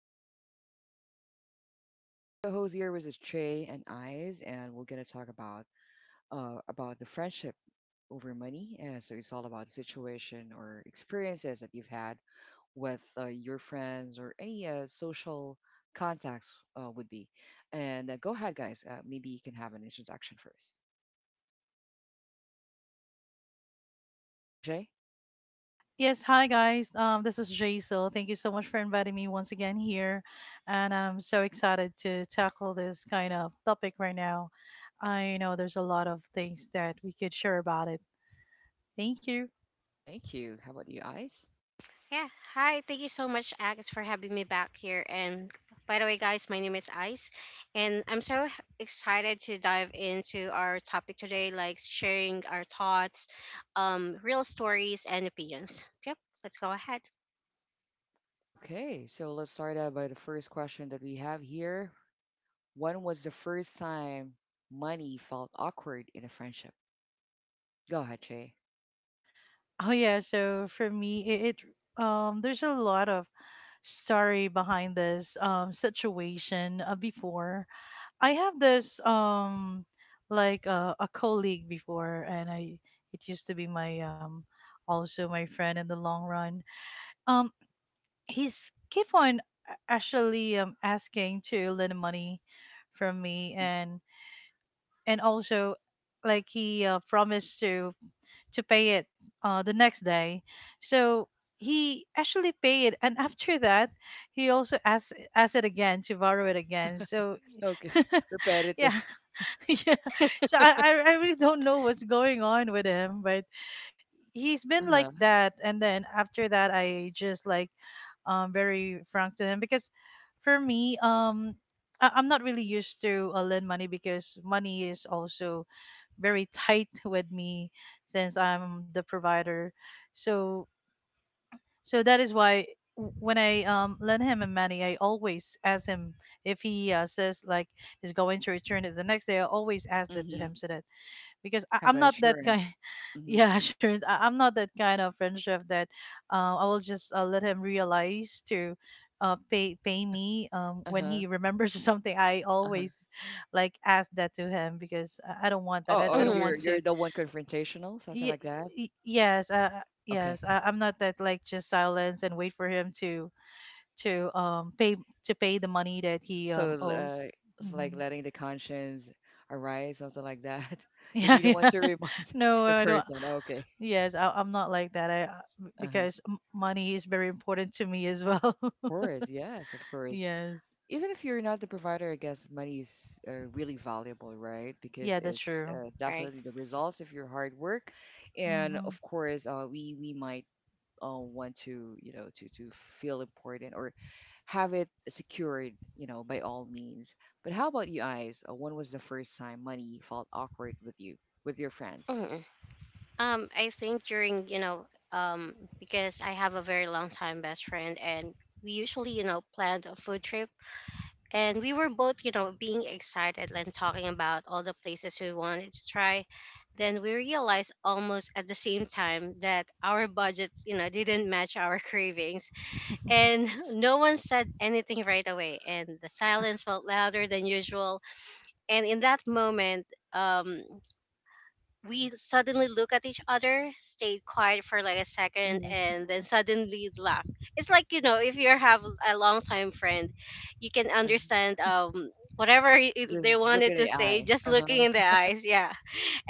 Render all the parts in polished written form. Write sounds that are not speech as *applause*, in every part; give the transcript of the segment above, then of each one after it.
and the vibe stay smooth. I've got two co-hosts here, which is Trey and Eyes, and we're gonna talk about about the friendship over money. And so it's all about the situation or experiences that you've had with your friends or any social contacts would be. And go ahead, guys. Maybe you can have an introduction first. Go, Jay. Yes, hi guys. This is Jaisal. Thank you so much for inviting me once again here, and I'm so excited to tackle this kind of topic right now. I know there's a lot of things that we could share about it. Thank you. Thank you. How about you, Eyes? Yeah, hi. Thank you so much, Alex, for having me back here. And by the way, guys, my name is Ice, and I'm so excited to dive into our topic today, like sharing our thoughts, real stories, and opinions. Yep, let's go ahead. *laughs* Okay, so let's start out by the first question that we have here. When was the first time money felt awkward in a friendship? Go ahead, Jay. Oh yeah, so for me, it there's a lot of story behind this situation before. I have this like a colleague before, and I it used to be my also my friend in the long run. Um, he's keep on actually, asking to lend money from me. hmm And also, like, he promised to pay it the next day. So he actually paid it, and after that he also asked it again to borrow it again, so. Okay, *laughs* *laughs* repetitive. Yeah. *laughs* Yeah. So I really don't know what's going on with him, but he's Uh been like huh. that. And then after that, I just like, very frank to him, because for me, I'm not really used to lend money, because money is also very *laughs* tight with me, since I'm the provider. So so that is why, when I lend him a money, I always ask him if he says like he's going to return it the next day. I always ask that to Mm-hmm. him, so that, because I, Have I'm an not that kind. assurance. *laughs* Mm-hmm. Yeah, sure. I'm not that kind of friendship that I will just let him realize to pay me Uh when huh. he remembers *laughs* something. I Uh huh. always like ask that to him, because I don't want that. I, Oh, oh, I don't you're want Mhm. you're to. the one confrontational, something Y- like that. y- yes, uh, Okay, yes. I'm not that, like, just silence and wait for him to um pay to pay the money that he so owes. it's like Hmm. letting the conscience arise, something like that. *laughs* *laughs* You'll Yeah, be the one yeah. to *laughs* remind No, *laughs* the I don't. person. Okay. Yes, I'm not like that. I Uh huh. Because money is very important to me as well. Of *laughs* course, yes, of course. Yes. Even if you're not the provider, I guess money is really valuable, right? Because Yeah, that's it's true. All right. definitely the results of your hard work, and Hmm. of course, we might want to you know to feel important or have it secured, you know, by all means. But how about you guys? When was the first time money felt awkward with you, with your friends? Mhm. I think during, um, because I have a very long time best friend, and we usually planned a food trip, and we were both being excited and talking about all the places we wanted to try. Then we realized almost at the same time that our budget didn't match our *laughs* cravings, and no one said anything right away, and the silence felt louder than usual. And in that moment, um we suddenly look at each other, stayed quiet for like a second, hmm and then suddenly laugh. It's like, if you have a longtime friend, you can Yeah, understand whatever they just look wanted at to say AI. just Uh looking in the huh. eyes. Yeah,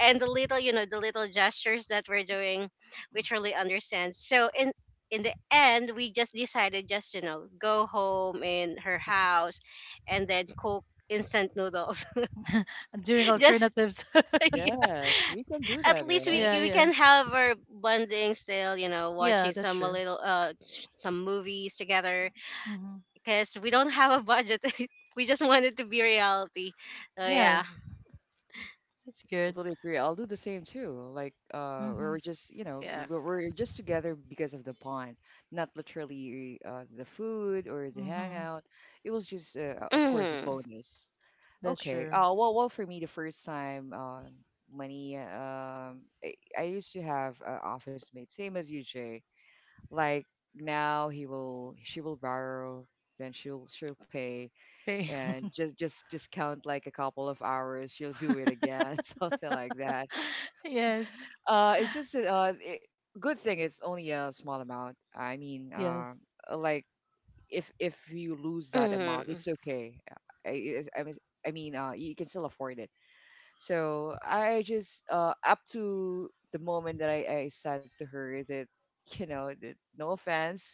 and the little, the little gestures that we're doing, we truly understand. So in the end, we just decided, just go home in her house, and then cook instant noodles. Doing *laughs* Just alternatives. *laughs* *laughs* yeah. Yes, we can do At that, least we Yeah, right? we yeah, can have our bonding still, you know, yeah. watching That's some a true. little s- some movies together Hmm. because we don't have a budget. *laughs* We just want it to be reality. Oh yeah, Yes, that's I good. totally agree. I'll do the same too. Like, Hmm. we're just, you know, yeah. we're just together because of the bond, not literally the food or the Hmm. hangout. It was just, of course, a Mhm, bonus. That's Okay. true. Well, for me, the first time, money. I used to have an office mate, same as you, Jay. Like now, she will borrow, she'll pay, Okay. and just count like a couple of hours, she'll do it *laughs* again, *laughs* something like that Yes. It's just that, good thing it's only a small amount. I mean, Yes. Like if you lose that amount, mhm, it's okay. I it's- I mean, you can still afford it. So I just up to the moment that I said to her that *laughs* you know that no offense,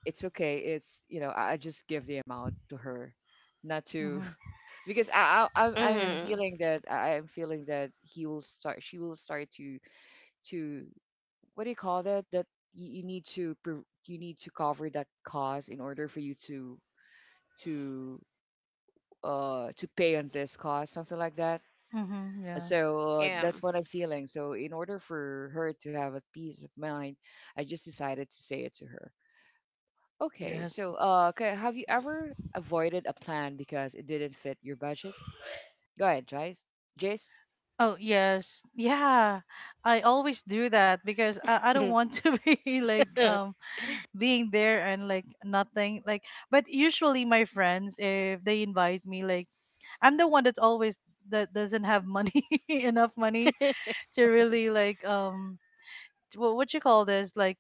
it's okay. It's you know I just give the amount to her, not to Hmm. *laughs* because I'm Yes. mhm. feeling that I'm feeling that he will start she will start to what do you call that that you need to you need to cover that cost in order for you to to pay on this cost something like that Hmm. Yeah. so that's what I'm feeling so in order for her to have a peace of mind I just decided to say it to her. Okay Yes. so have you ever avoided a plan because it didn't fit your budget? Go ahead, Jace. Jace. Oh, yes. Yeah. I always do that because I don't want to *laughs* be like, Yeah, *laughs* being there and like nothing, like. But usually my friends, if they invite me, like, I'm the one that's always, that doesn't have money, *laughs* enough money, to really, like, what you call this, like,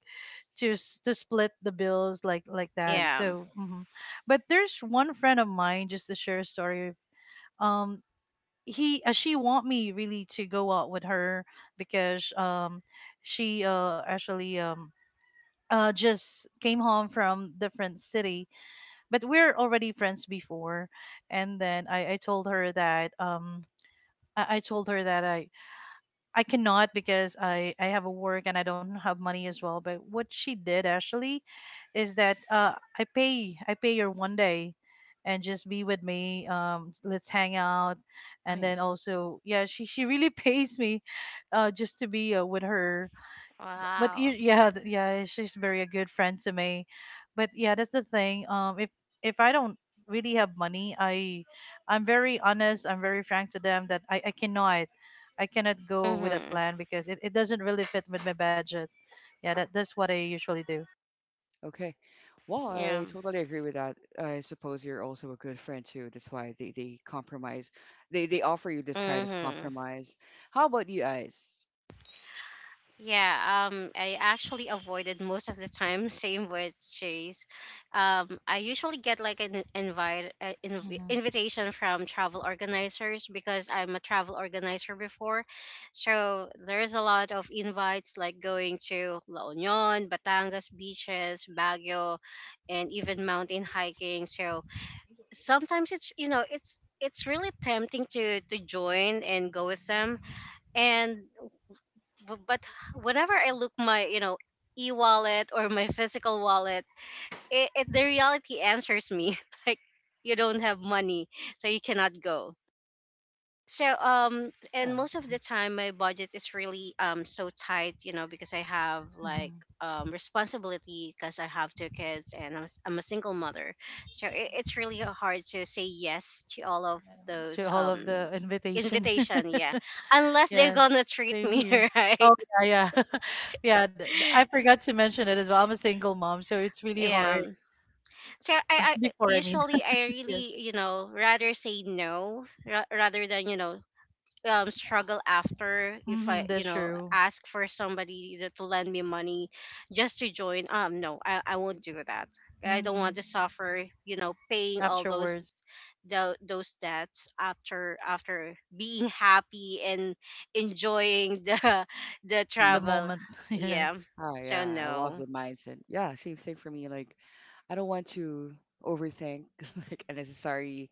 to split the bills, like that, Mm-hmm. yeah. so. Mhm. But there's one friend of mine, just to share a story. um he She want me really to go out with her, because, she actually, just came home from different city, but we're already friends before. And then I told her that, I told her that, I cannot, because I have a work and I don't have money as well. But what she did actually is that, I pay, I pay her one day and just be with me, let's hang out. And then Nice. also, yeah, she really *laughs* pays me just to be, with her. B but you, Wow. yeah, yeah, she's very a good friend to me. But yeah, that's the thing. If I don't really have money, I'm very honest. I'm very frank to them that I cannot go with that Mhm. plan because it doesn't really fit with my budget. Yeah, that's what I usually do. Okay. Well, Yeah. I totally agree with that. I suppose you're also a good friend too. That's why they compromise. They offer you this kind of Mhm. compromise. How about you guys? Yeah, I actually avoided most of the time. Same with Chase. I usually get like an invite, Hmm. invitation from travel organizers because I'm a travel organizer before. So there's a lot of invites like going to La Union, Batangas beaches, Baguio, and even mountain hiking. So sometimes it's you know it's really tempting to join and go with them, and but whenever I look my, e-wallet or my physical wallet, it the reality answers me *laughs* like you don't have money, so you cannot go. So and Yeah. most of the time my budget is really, so tight, you know, because I have like Hmm. Responsibility because I have two kids and I'm a single mother. So it's really hard to say yes to all of To those all of the invitation. invitation. Yeah. *laughs* Unless they're gonna Yes, treat same me *laughs* here. Oh right. yeah, yeah, *laughs* yeah. I forgot to mention it as well. I'm a single mom, so it's really hard. Yeah. So I Before, I mean. usually, I Yes. really, rather say no, rather than, struggle after, if I, Mm-hmm, that's true. ask for somebody to lend me money just to join. No, I won't do that. I don't Mm-hmm. want to suffer, paying all those Afterwards, tho- those debts after, being happy and enjoying the *laughs* the Mm-hmm. the travel. moment, *laughs* yes. Yeah. Oh So yeah, I love the no. mindset. Yeah, same thing for me. Like, I don't want to overthink *laughs* like unnecessary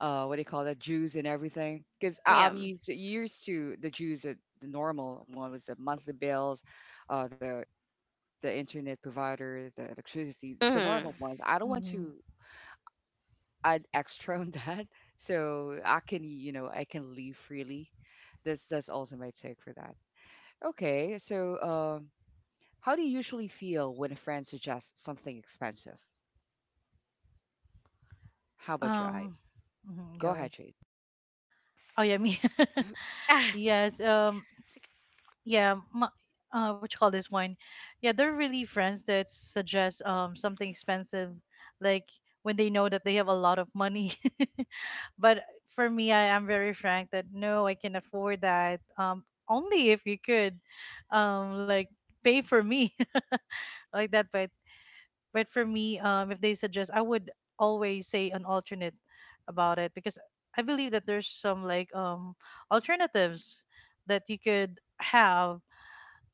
what do you call that juice and everything because Yeah. I'm used to the juice that the normal one was the monthly bills, uh the the internet provider, the electricity, the Mm-hmm. normal ones. I don't want Mm-hmm. to add extra on *laughs* that, so I can, you know, I can leave freely. That's also my take for that. Okay, so how do you usually feel when a friend suggests something expensive? How about your Um, eyes? Oh, mhm, go go ahead. ahead, Chase. Oh yeah, me. *laughs* Yes. *laughs* Yeah. My, what you call this one? Yeah, they're really friends that suggest something expensive, like when they know that they have a lot of money. *laughs* But for me, I am very frank that no, I can afford that. Only if you could, like, pay for me *laughs* like that. But for me, if they suggest, I would always say an alternate about it, because I believe that there's some, like, alternatives that you could have.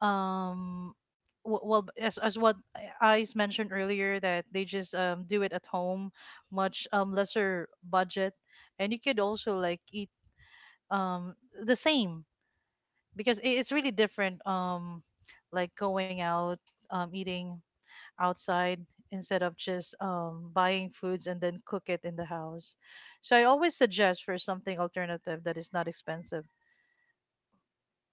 Um, well, as what I's mentioned earlier, that they just do it at home, much lesser budget, and you could also like eat um the same, because it's really different, like going out, eating outside, instead of just buying foods and then cook it in the house. So I always suggest for something alternative that is not expensive.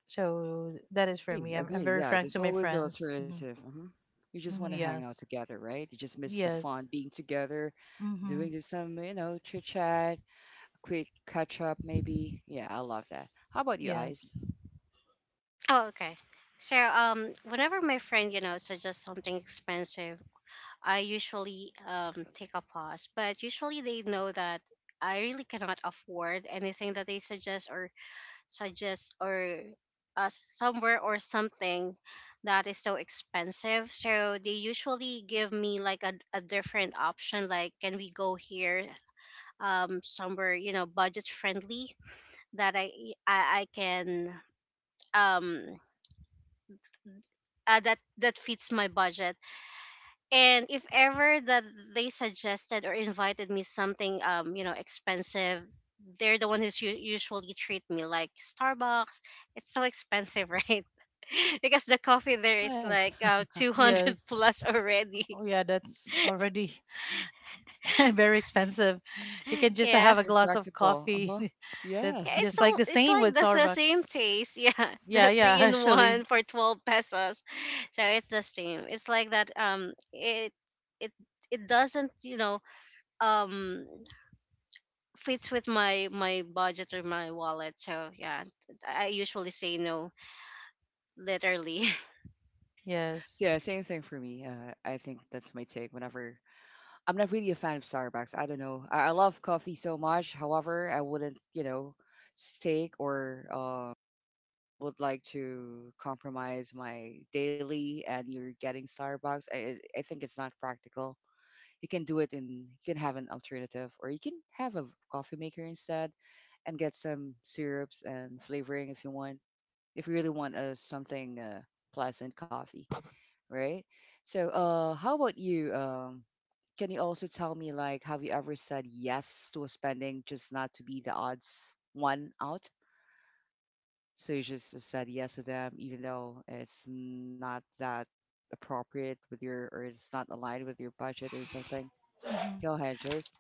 So that is for Agree, me. I'm agree. very Yeah, frank there's to my always an friends. Hmm. alternative. You just want Hmm. to hang out Yes. together, right? You just miss the fun Yes. being together, doing Hmm. this some, you know, chit chat, quick catch up, maybe. Yeah, I love that. How about you, Eyes? Yes. Oh, okay. So, Whenever my friend, suggests something expensive, I usually take a pause. But usually they know that I really cannot afford anything that they suggest, or suggest or somewhere or something that is so expensive. So they usually give me like a different option, like can we go here, somewhere, budget friendly, that I can, um that fits my budget. And if ever that they suggested or invited me something, expensive, they're the one who's usually treat me, like Starbucks. It's so expensive. *laughs* Right. *laughs* Because the coffee there is Yes, like, 200 Yes. plus already. Oh *laughs* yeah, that's already *laughs* very expensive. You can just Yeah, have a being glass of practical. Uh coffee. huh. *laughs* That's yeah. Yes. it's just *laughs* like all the it's same like with the Starbucks. same taste. *laughs* Yeah, Yeah, the yeah, three *laughs* in one actually. for 12 pesos. So it's the same. It's like that. Um it it it doesn't, um fits with my budget or my wallet, so yeah. I usually say no, literally. Yes. So yeah, same thing for me. I think that's my take. Whenever I'm not really a fan of Starbucks, I don't know. I love coffee so much. However, I wouldn't, you know, stake or would like to compromise my daily. And you're getting Starbucks. I think it's not practical. You can do it in you can have an alternative or you can have a coffee maker instead and get some syrups and flavoring if you want, if you really want a something pleasant coffee, right? So how about you, um, can you also tell me like have you ever said yes to a spending just not to be the odds one out? So you just said yes to them even though it's not that appropriate with your or it's not aligned with your budget or something? Hmm. Go ahead, Jace.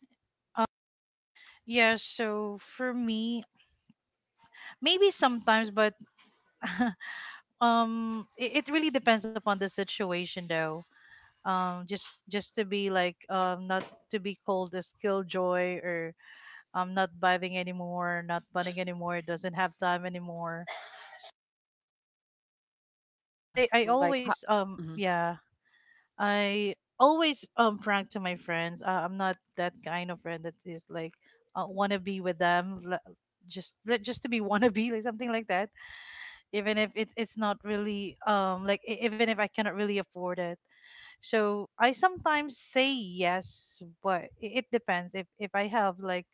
Yes. So for me, maybe sometimes, but *laughs* it really depends upon the situation, though. Just to be like, not to be called a killjoy or, not vibing anymore, not bunning anymore, doesn't have time anymore. But Uh, I like ho always, mhm, yeah, I always prank to my friends. I'm not that kind of friend that is like, wanna be with them, just to be *laughs* wannabe, like, something like that, even if it's not really, like, even if I cannot really afford it. So I sometimes say yes, but it depends if I have like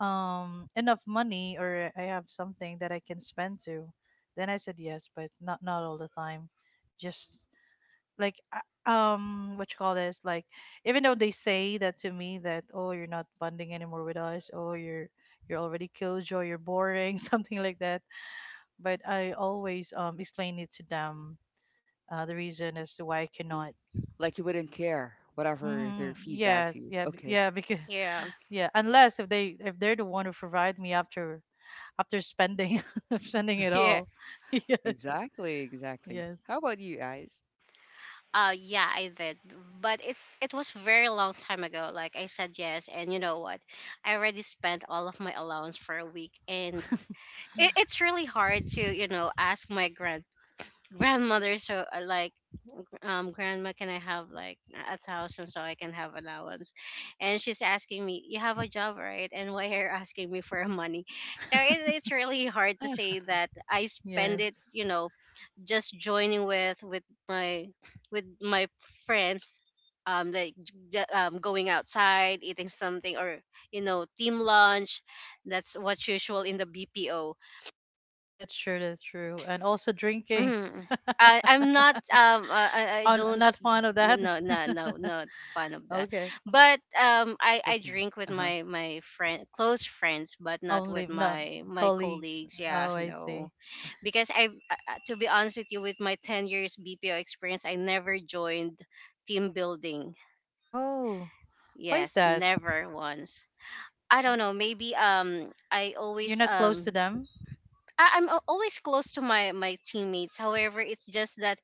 enough money, or I have something that I can spend to, then I said yes, but not all the time. Just like, what you call this, like, even though they say that to me that, oh, you're not bonding anymore with us, oh, you're already killjoy, you're boring, *laughs* something like that, but I always explain it to them, the reason as to why I cannot. mhm, like you wouldn't care whatever their Mm, feedback to yes, you. yeah, Okay. yeah, *laughs* because, *laughs* Yeah. yeah, unless if they're the one who provide me after spending *laughs* spending it Yeah. all. *laughs* Yes, Exactly, exactly. yes, How about you guys? Yeah, I did. But it was very long time ago. Like, I said yes, and you know what, I already spent all of my allowance for a week. And it's really hard to, ask my, grandmother. So, grandma, can I have like 1,000 so I can have allowance? And she's asking me, you have a job, right? And why are you asking me for *laughs* money? So it's really hard to Yeah. say that I spend it, yes. you know, just joining with my friends. Like, going outside, eating something, or, team lunch. That's what's usual in the BPO. That's true. That's true. And also drinking. Mm. *laughs* I'm not, I, I I'm don't. not fond of that. No, no, *laughs* no, not fond of that. Okay. But um i *laughs* i Okay. drink with Uh-huh. my friend close friends, but not Only with not my colleagues. colleagues. Yeah. Oh, I No. see. Uh-huh. Because I, to be honest with you, with my 10 years BPO experience, I never joined team building. Oh, why is Yes. that? Never once. I don't know. Maybe I You're always. not close to them? I'm always close to my teammates. However, it's just that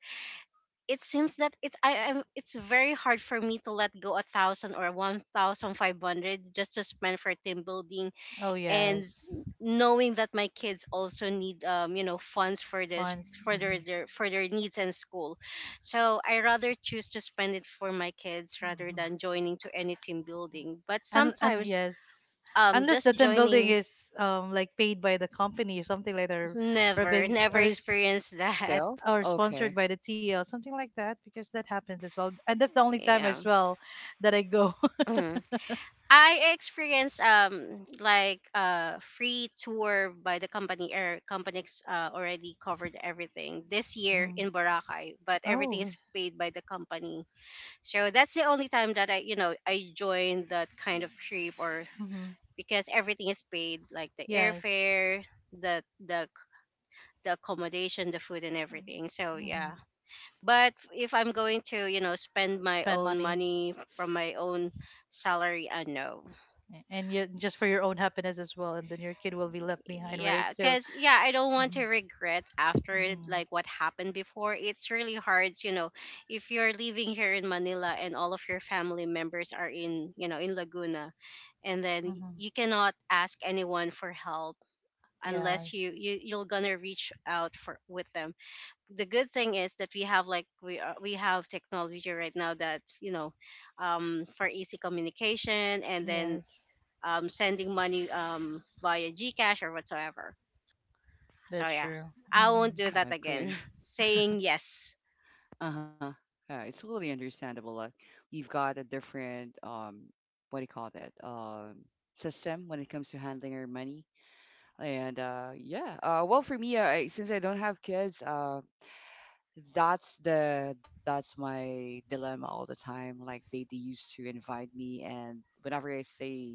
it seems that it's I am it's very hard for me to let go 1,000 or 1,500 just to spend for team building. Oh, And yes. knowing that my kids also need, funds for this, Funds. Hmm. For their needs in school. So I rather choose to spend it for my kids rather Hmm. than joining to any team building. But And sometimes, yes, unless just the team building joining, is, like, paid by the company or something like that, or never, being never or is experience Oh, that. *laughs* sale? or sponsored Okay. by the TL, something like that, because that happens as well. And that's the only time Yeah. as well that I go. Mm. I experienced, like a free tour by the company. Air companies, already covered everything this *laughs* year Hmm. in Boracay, but everything Oh. is paid by the company. So that's the only time that I you know I joined that kind of trip, or Hmm. because everything is paid, like the Yes. airfare, the the the accommodation, the food, and everything. So Hmm. yeah. But if I'm going to, you know, spend my Spend own money, money from my own salary, I know. And you, just for your own happiness as well, and then your kid will be left behind, right? Yeah, So. because, yeah, I don't want Hmm. to regret after Hmm. like what happened before. It's really hard, you know, if you're living here in Manila and all of your family members are in, you know, in Laguna, and then Hmm. you cannot ask anyone for help unless you Yes, you you're gonna reach out for with them. The good thing is that we have like we are, we have technology right now that, for easy communication, and then yes. Sending money, via Gcash or whatsoever. So That's yeah, true. I won't Hmm. Yeah, do I that again. agree. *laughs* Saying yes. Uh-huh. Yeah, it's totally understandable. Like you've got a different what do you call that? System when it comes to handling your money. And yeah, well for me, since I don't have kids, that's the that's my dilemma all the time like they used to invite me and whenever I say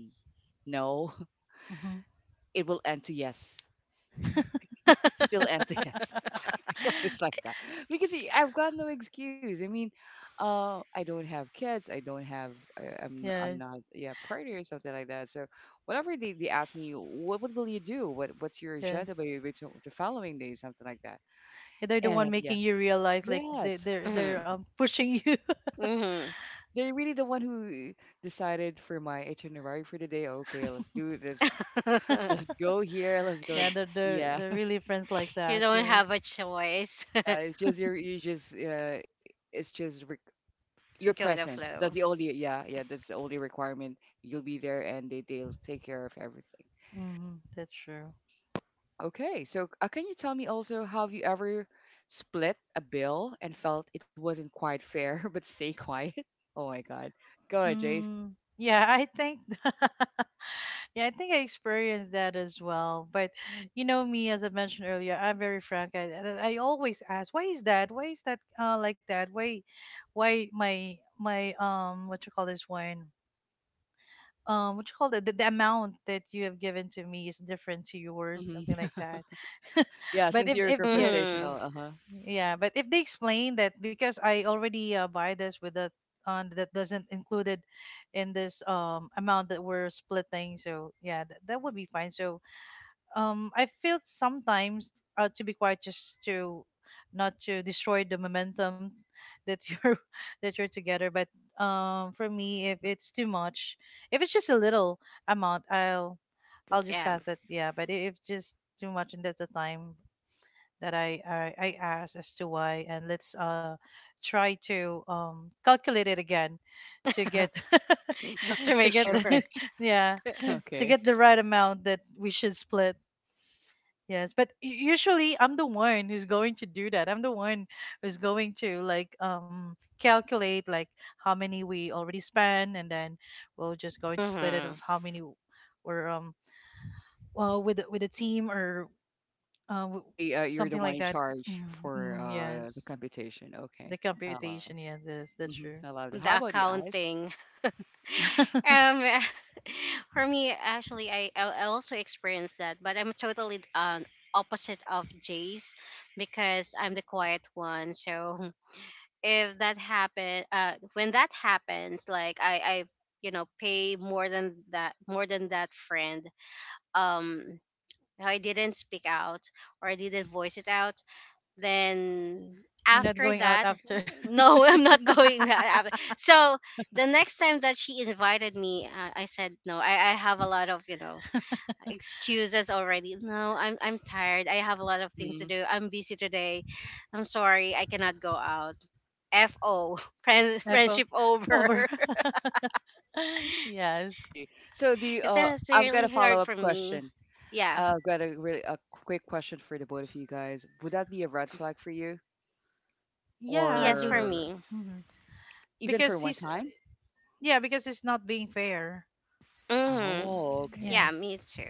no *laughs* Hmm. it will end to yes, still end to yes, *laughs* *laughs* it's always like that because I've got no excuse. I mean I don't have kids, I don't have, I'm Yes, not yeah party or something like that so whatever they ask me what will you do, what what's your yes. agenda by the following day something like that And They're the one and yeah, making you realize, like, they yes they're Hmm. they're pushing you. Hmm. they're really the one who decided for my itinerary for the day. Okay, let's do this. *laughs* Let's go here. Let's *laughs* go. Yeah, Yeah, they're *laughs* really friends like You that. don't have Yes. a choice. yeah. It's just your, you just, it's just re- your *laughs* Go with presence. the That's the flow. only, yeah, yeah. That's the only requirement. You'll be there, and they they'll take care of everything. Hmm. That's true. Okay, so can you tell me also, have you ever split a bill and felt it wasn't quite fair, *laughs* but stay quiet? Oh my God. Go ahead, Jace. Mm, yeah, I think *laughs* yeah, I think I experienced that as well. But you know me, as I mentioned earlier, I'm very frank. I always ask, why is that? Why is that, uh, like that? Why my, what you call this one? What you call it, the amount that you have given to me is different to yours, hmm something like that. *laughs* *laughs* Yeah, But since if you're if yeah, Hmm. confrontational. Uh yeah, but if they explain that, because I already buy this with the on, that doesn't included in this amount that we're splitting, so yeah, that that would be fine. So, I feel sometimes, to be quiet just to not to destroy the momentum that you're *laughs* that you're together. But, for me, if huh. it's too much, if it's just a little amount, I'll just Yeah. pass it. Yeah, but if it's just too much, and that's the time that I ask as to why, and let's try to calculate it again to get *laughs* Just to *laughs* to make get the sure. Okay. *laughs* *laughs* yeah, to Okay. get the right amount that we should split. Yes, but usually I'm the one who's going to do that. I'm the one who's going to, like, calculate like how many we already spent, and then we'll just going to split it Hmm. of how many are, well, with a team or, uh, w- Actually, you're the something one like in that. charge Mm, for mm, the yes, computation. the Okay. I love. computation. Yeah, yes, that's Mm-hmm. I true. love it. How The about you, Ice? accounting. *laughs* *laughs* Um, *laughs* for me, actually, I also experienced that, but I'm totally, opposite of Jay's, because I'm the quiet one. So if that happen when that happens, like I, pay more than that, more than that friend, um I didn't speak out, or I didn't voice it out. Then You're not after going out that, after. no. *laughs* I'm not going. That so, the next time that she invited me, I said no. I have a lot of, you know, excuses already. No, I'm tired. I have a lot of things to Mm-hmm. do. I'm busy today. I'm sorry, I cannot go out. FO, *laughs* *laughs* friend, FO friendship over. over. *laughs* *laughs* Yes. See. So the Because it's I've got really a hard follow-up for me. question. Yeah. I've got a really a quick question for the both of you guys. Would that be a red flag for you, Yeah, I Yes, for believe. or me. Mhm. even for Because one he's time? Yeah, because it's not being fair. Hmm. Oh, okay. Yeah, Yes. me too.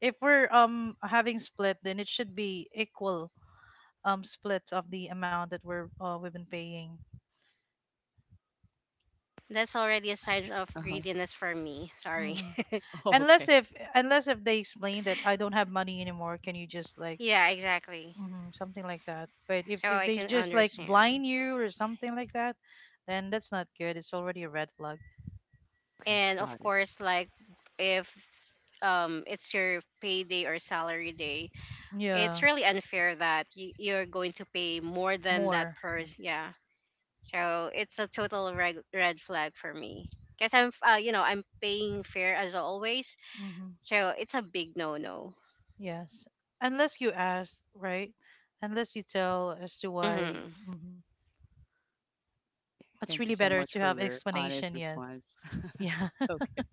If we're having split, then it should be equal split of the amount that we're we've been paying. That's already a sign of Uh-huh. greediness for me. Sorry. hmm *laughs* Oh, Unless okay. if unless if they explain that I don't have money anymore, can you just *laughs* like Yeah, exactly. Something like that? But if So if I they can just like understand. blind you or something like that, then that's not good. It's already a red flag. Okay. And of Got it. course, like if it's your payday or salary day, it's Yeah, really unfair that you're going to pay more than that more. person. Yeah. So it's a total red, red flag for me because I'm paying fair as always. hmm So it's a big no no. Yes, unless you ask, right? Unless you tell as to why. Hmm. Mm-hmm, Okay. much Thank really you so better much to for have your honest explanation. Yes. response. *laughs* Yeah. Okay.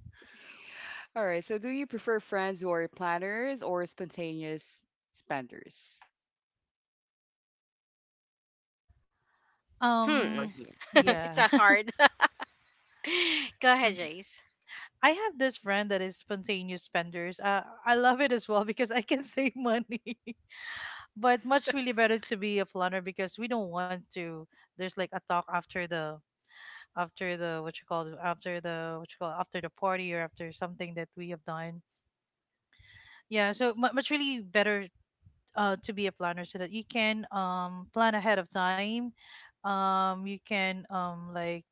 All right. So, do you prefer friends who are planners or spontaneous spenders? *laughs* How Hmm. about um you? hmm *laughs* It's yeah. a hard. *laughs* *laughs* Go ahead, Spon- Jace. I have this friend that is spontaneous spenders, I love it as well, *laughs* because I can *laughs* save money. *laughs* But much really better to be a planner, because we don't want to, there's like a talk after the what you call it, after the party or after something that we have done. Yeah, so much really better, to be a planner, so that you can plan ahead of time. You can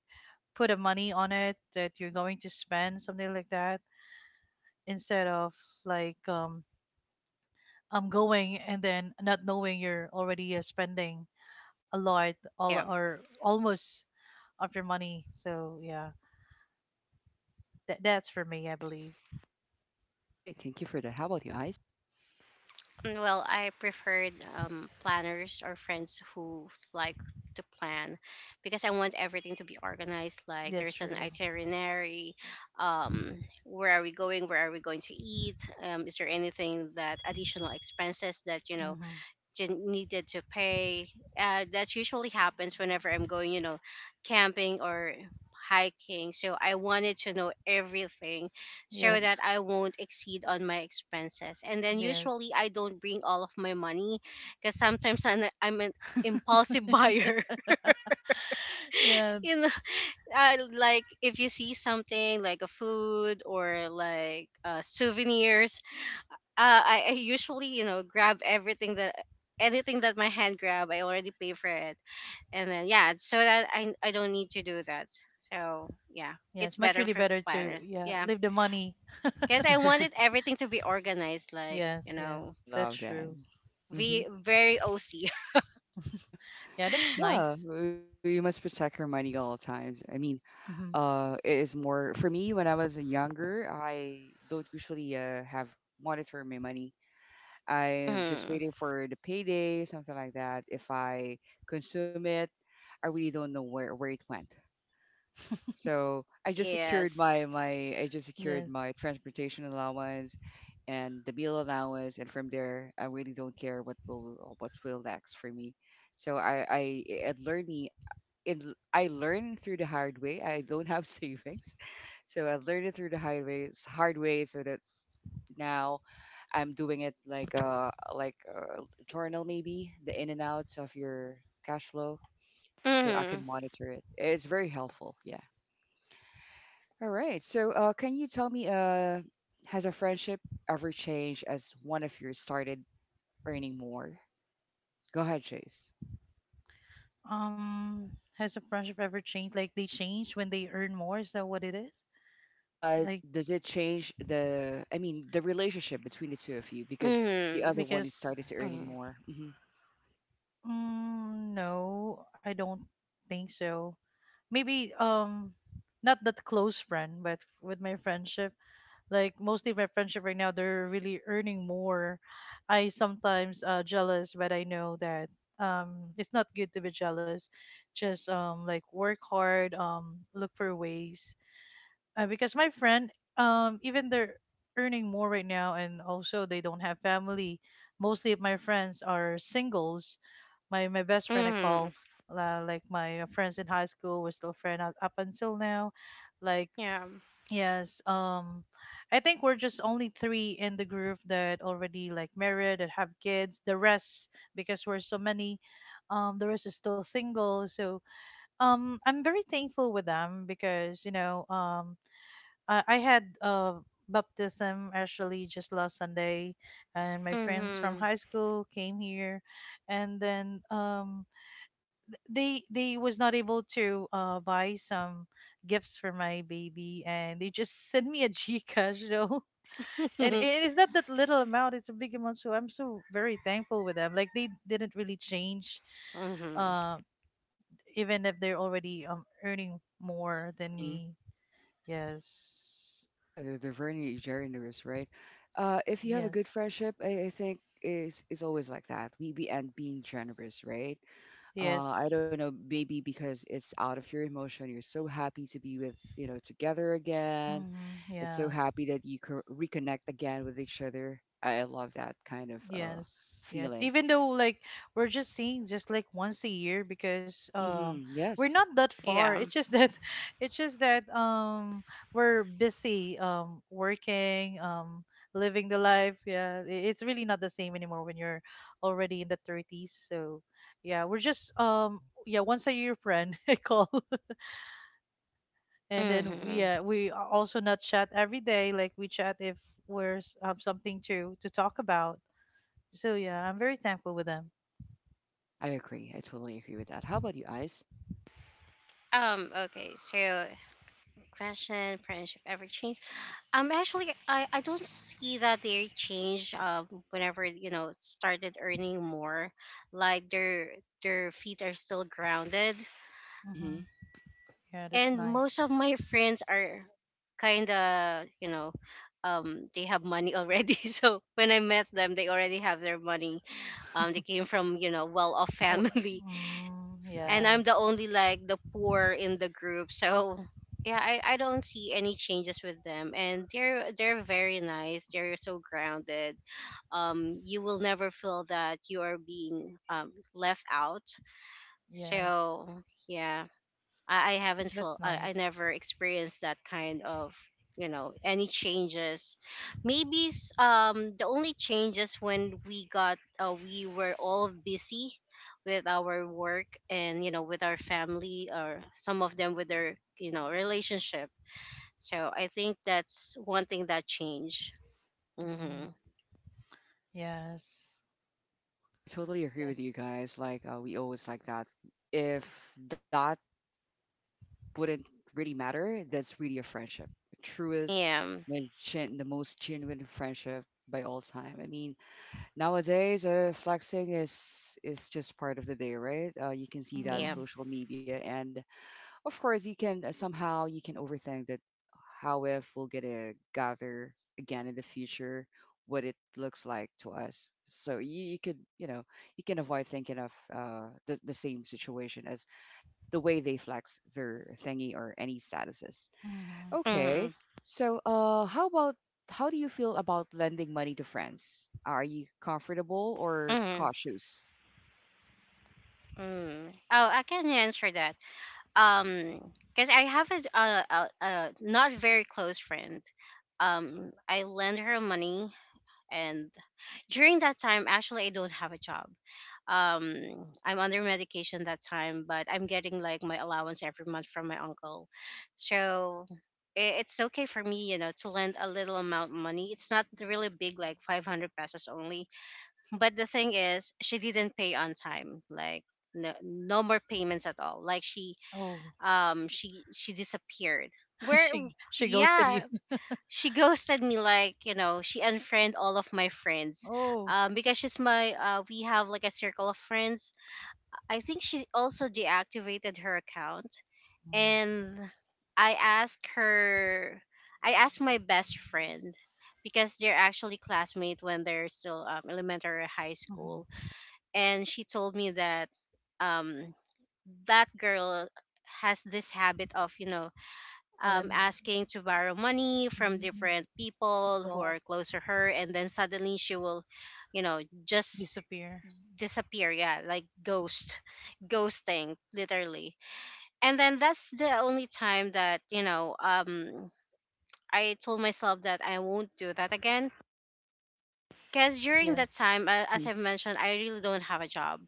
put a money on it that you're going to spend, something like that, instead of, like um I'm going, and then not knowing you're already spending a lot, Yeah. all or almost of your money, so yeah, that's for me, I believe. Okay. Thank you for that. How about you, Ice? Well, I preferred, planners or friends who like to plan, because I want everything to be organized. Like, That's there's an true. itinerary. Where are we going? Where are we going to eat? Is there anything that additional expenses that, Mm-hmm. Needed to pay. That usually happens whenever I'm going, you know, camping or hiking. So I wanted to know everything so Yes. that I won't exceed on my expenses. And then *laughs* usually Yes. I don't bring all of my money, because sometimes I'm an impulsive *laughs* *laughs* buyer. Yeah. You know, I, like if you see something like a food or like souvenirs, I usually grab everything that anything that my hand grab, I already pay for it. And then yeah, so that I don't need to do that. So yeah, it's Yes, much better really for better to, planners, yeah, yeah, leave the money. because I *laughs* wanted everything to be organized, like Yes, yes, I that's love that. true. hmm ve- very oc Yeah, that's Yeah, nice. well, you must protect your money at all times. I mean, Hmm. It is more for me when I was younger. I don't usually have monitor my money. *laughs* I'm just hmm waiting for the payday, something like that. If I consume it, I really don't know where it went. So I just secured yes my my I just secured Yes. my transportation allowance and the meal allowance, and from there I really don't care what will next for me. So I it learned me. It, I learned through the hard way. I don't have *laughs* savings, so I learned it through the hard way, hard way. So that's now I'm doing it like a journal maybe the in and outs of your cash flow, so I can hmm monitor it. It's very helpful. Yeah. All right. So, can you tell me, has a friendship ever changed as one of you started earning more? Go ahead, Chase. Um, has the friendship ever changed? Like they change when they earn more? Is that what it is? Like, Does it change the, I mean, the relationship between the two of you because the hmm other one is because, started to earning hmm more? No, I don't think so. Maybe, not that close friend, but with my friendship, like mostly my friendship right now, they're really earning more. I sometimes jealous, but I know that it's not good to be jealous. Just, work hard, look for ways, because my friend, even they're earning more right now, and also they don't have family. Mostly of my friends are singles. My best friend, I call, hmm like my friends in high school, we're still friends up until now, like, yeah yes, I think we're just only three in the group that already like married and have kids. The rest, because we're so many, the rest is still single. So, I'm very thankful with them, because I had baptism actually just last Sunday, and my friends from hmm high school came here, and then they was not able to buy some gifts for my baby, and they just *laughs* sent me a *laughs* Gcash though. And hmm it is not that little amount; it's a big amount. So I'm so very thankful with them. Like they didn't really change, *laughs* uh, even if they're already earning more than hmm me. Yes, Yeah, they're very generous, right? If you have a good yes, friendship, I think is always like that. We end being generous, right? uh, I yes. don't know, maybe because it's out of your emotion. You're so happy to be with, you know, together again. Mm-hmm. It's so Yeah. happy that you reconnect again with each other. I love that kind of Yes. Yes. feeling. Even though like we're just seeing just like once a year, because we're Yes, not that far. yeah It's just that *laughs* it's just that we're busy, working, living the life. Yeah. It's really not the same anymore when you're already in the 30s. So yeah, we're just yeah, once a year friend, *laughs* I call. And then hmm yeah, we also not chat every day, like we chat if we're have something to talk about. So yeah, I'm very thankful with them. I agree. I totally agree with that. How about you, Ice? Okay, so question, friendship ever change? Actually, I don't see that they change. Whenever started earning more, like their feet are still grounded, hmm Hmm. Yeah, that's and nice. most of my friends are kind of they have money already. *laughs* So when I met them, they already have their money. They *laughs* came from well off *laughs* Well, family, mm, and yeah, I'm the only like the poor in the group. So yeah, I don't see any changes with them, and they're very nice. They're so grounded. You will never feel that you are being left out. So yes, yeah, I haven't that's felt I nice. never experienced that kind of any changes. Maybe the only changes when we got we were all busy with our work and with our family, or some of them with their relationship. So I think that's one thing that changed. Mm, Mm-hmm. yes, Yeah, I totally agree with yes. you guys. Like, we always like that. If that wouldn't really matter, that's really a friendship. Truest, Yeah. the most genuine friendship by all time. I mean, Nowadays, flexing is just part of the day, right? You can see that in Mm-hmm, Yep. social media, and of course, you can somehow you can overthink that how if we'll get a gather again in the future, what it looks like to us. So you could you can avoid thinking of the same situation as the way they flex their thingy or any statuses. mm-hmm. Mm-hmm. Okay. So, how about how do you feel about lending money to friends? Are you comfortable or Mm-hmm. cautious? Mm. Oh, I can answer that. um because I have a not very close friend. I lend her money, and during that time, actually, I don't have a job. I'm under medication that time, but I'm getting like my allowance every month from my uncle. So it's okay for me, to lend a little amount of money. It's not really big, like 500 pesos only. But the thing is, she didn't pay on time. Like no, no more payments at all. Like she Oh, she disappeared. *laughs* Where? she ghosted you. Yeah, she *laughs* ghosted me. Like she unfriended all of my *laughs* friends, Oh, because she's my we have like a circle of friends. I think she also deactivated her account. mm-hmm. And I asked her, I asked my best friend, because they're actually classmates when they're still elementary or high school. And she told me that um that girl has this habit of All then, asking to borrow money from mm, different people who people are close to her, and then suddenly she will, just disappear. disappear. Yeah, like ghost, *laughs* ghosting, literally. And then that's the only time that I told myself that I won't do that again. Because during that Yes. time, hmm as I've mentioned, I really don't have a job.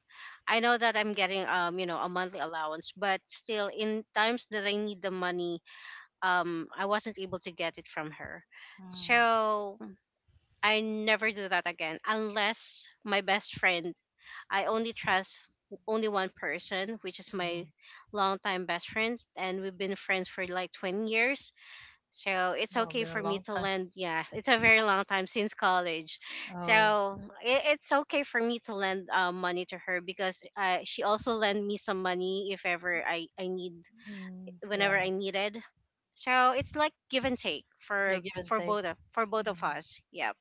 I know that I'm getting a monthly allowance, but still, in times that I need the money, I wasn't able to get it from her. Mm-hmm. So I never do that again, unless my best friend. I only trust only one person, which is my longtime best friend, and we've been friends for like 20 years. So it's Oh, okay been a for me long to time. lend. Yeah, it's a very long time, since college. Oh, So it's okay for me to lend money to her, because she also lend me some money if ever I need, whenever yeah, I needed. So it's like give and take yeah. for Give and take. For both of Hmm. us. Yep.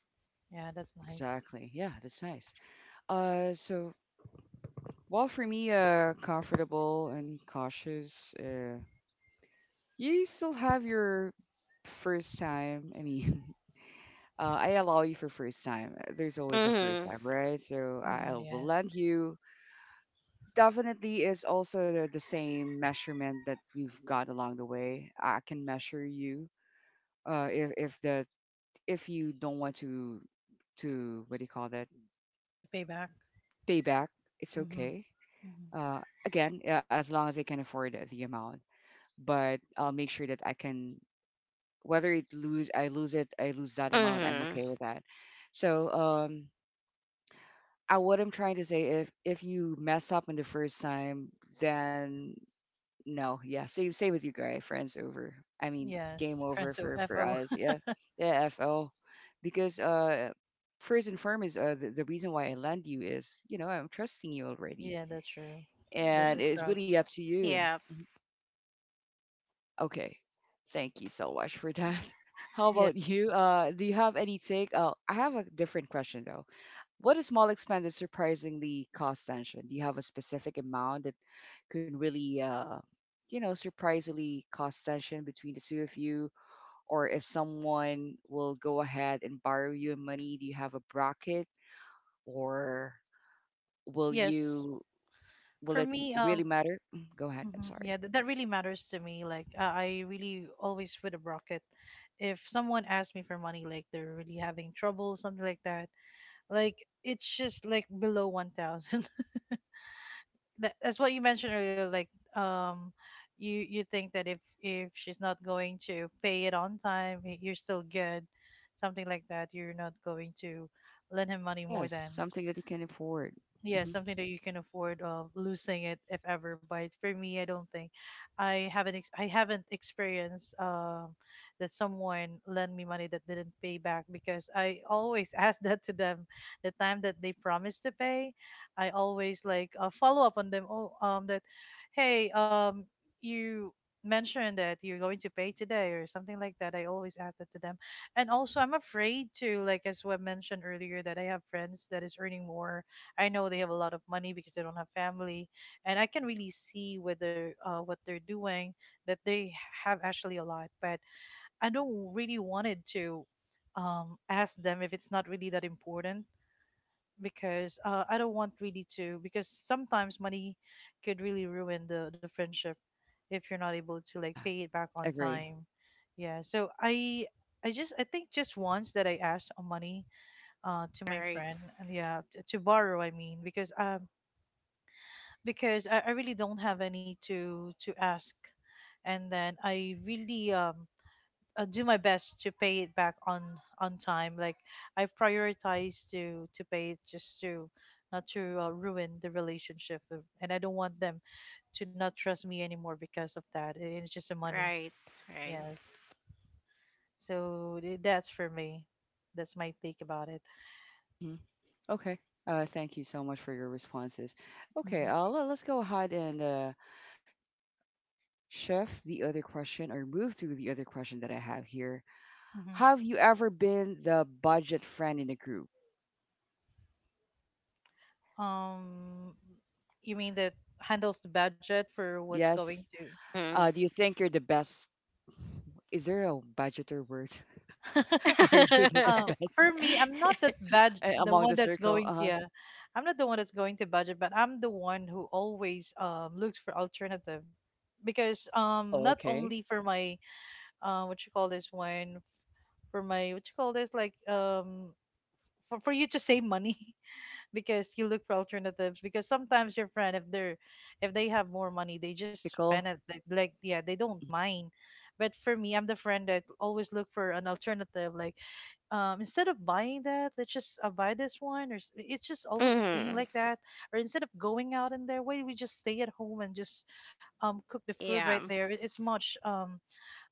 Yeah, that's Yeah, nice. exactly. Yeah, that's nice. So well, for me, comfortable and cautious. You still have your first time. I mean, *laughs* I allow you for first time. There's always a first Mhm. time, right? So I Hmm. will Yes. lend you. Definitely is also the same measurement that we've got along the way. I can measure you. If the if you don't want to what do you call that To pay back. pay back, it's Mm-hmm. okay. Hmm. Again, yeah, as long as I can afford it, the amount, but I'll make sure that I can whether it lose I lose it I lose that amount, I'm Mhm. okay with that. So I, what I'm trying to say, if you mess up on the first time, then no, yeah, same with you, Gray. Friends over. I mean, game Yes, over friends of for FO. us. Yeah, *laughs* yeah, FL, because first and foremost, the reason why I land you is you know I'm trusting you already, Yeah, that's true. There's and a it's trust. really up to you. Yep. Mhm. Okay, thank you so much for that. *laughs* How Yeah. about you? Do you have any take? I have a different question though. What is small expense that surprisingly cause tension? Do you have a specific amount that could really, you know, surprisingly cause tension between the two of you? Or if someone will go ahead and borrow you money, do you have a bracket, or will Yes. you? Will For it m- me, really matter? Mm, go ahead. I'm mhm, sorry. yeah, that really matters to me. Like, I really always put a bracket. If someone asks me for money, like they're really having trouble, something like that, like it's just like below 1,000. *laughs* That's what you mentioned earlier, like, um you think that if she's not going to pay it on time, you're still good, something like that. You're not going to lend him money more Yes, than, something that you can afford. yeah, hmm something that you can afford of losing it, if ever. But for me, I don't think, I haven't experienced that someone lent me money that didn't pay back, because I always *laughs* ask that to them the time that they promised to pay. I always, like, follow up on them, oh, that, hey, you mentioned that you're going to pay today or something like that. I always ask that to them. And also I'm afraid to, like, as what mentioned earlier, that I have friends that is earning more. I know they have a lot of money because they don't have family, and I can really see whether, what they're doing, that they have actually a lot. But I don't really wanted to, ask them if it's not really that important, because, I don't want really to, because sometimes money could really ruin the friendship if you're not able to, like, Yeah, pay it back on agree. time. Yeah, so I just, I think just once that I asked on money, to my Right. friend, and yeah, to borrow, I mean, because, I really don't have any to ask, and then I really do my best to pay it back on time. Like, I prioritize to pay it, just to not to ruin the relationship, and I don't want them to not trust me anymore because of that. And it's just the money. Right. Right. Yes. So that's for me. That's my take about it. hmm Okay. Thank you so much for your responses. Okay, Hmm let, us go ahead and shift the other question or move to the other question that I have here. hmm Have you ever been the budget friend in a group? Um, you mean that handles the budget for what's going Yes. to? Mhm. Do you think you're the best? Is there a budgeter word? *laughs* Are you *laughs* the the *laughs* best? For me, *laughs* I'm not that bad. Uh, The among one the that's circle? going to, Uh-huh. yeah, I'm not the one that's going to budget, but I'm the one who always looks for alternative, because, Oh, not okay. only for my, what you call this one, for my what you call this, like, for, you to save money, *laughs* because you look for alternatives, because sometimes your friend, if they have more money, they just spend Practical. it like, yeah, they don't mind. But for me, I'm the friend that always look for an alternative, like, instead of buying that, let's just, buy this one, or it's just almost the same, Mhm. like that. Or instead of going out in there, why do we just stay at home and just cook the food right Yeah. there? It's much, um,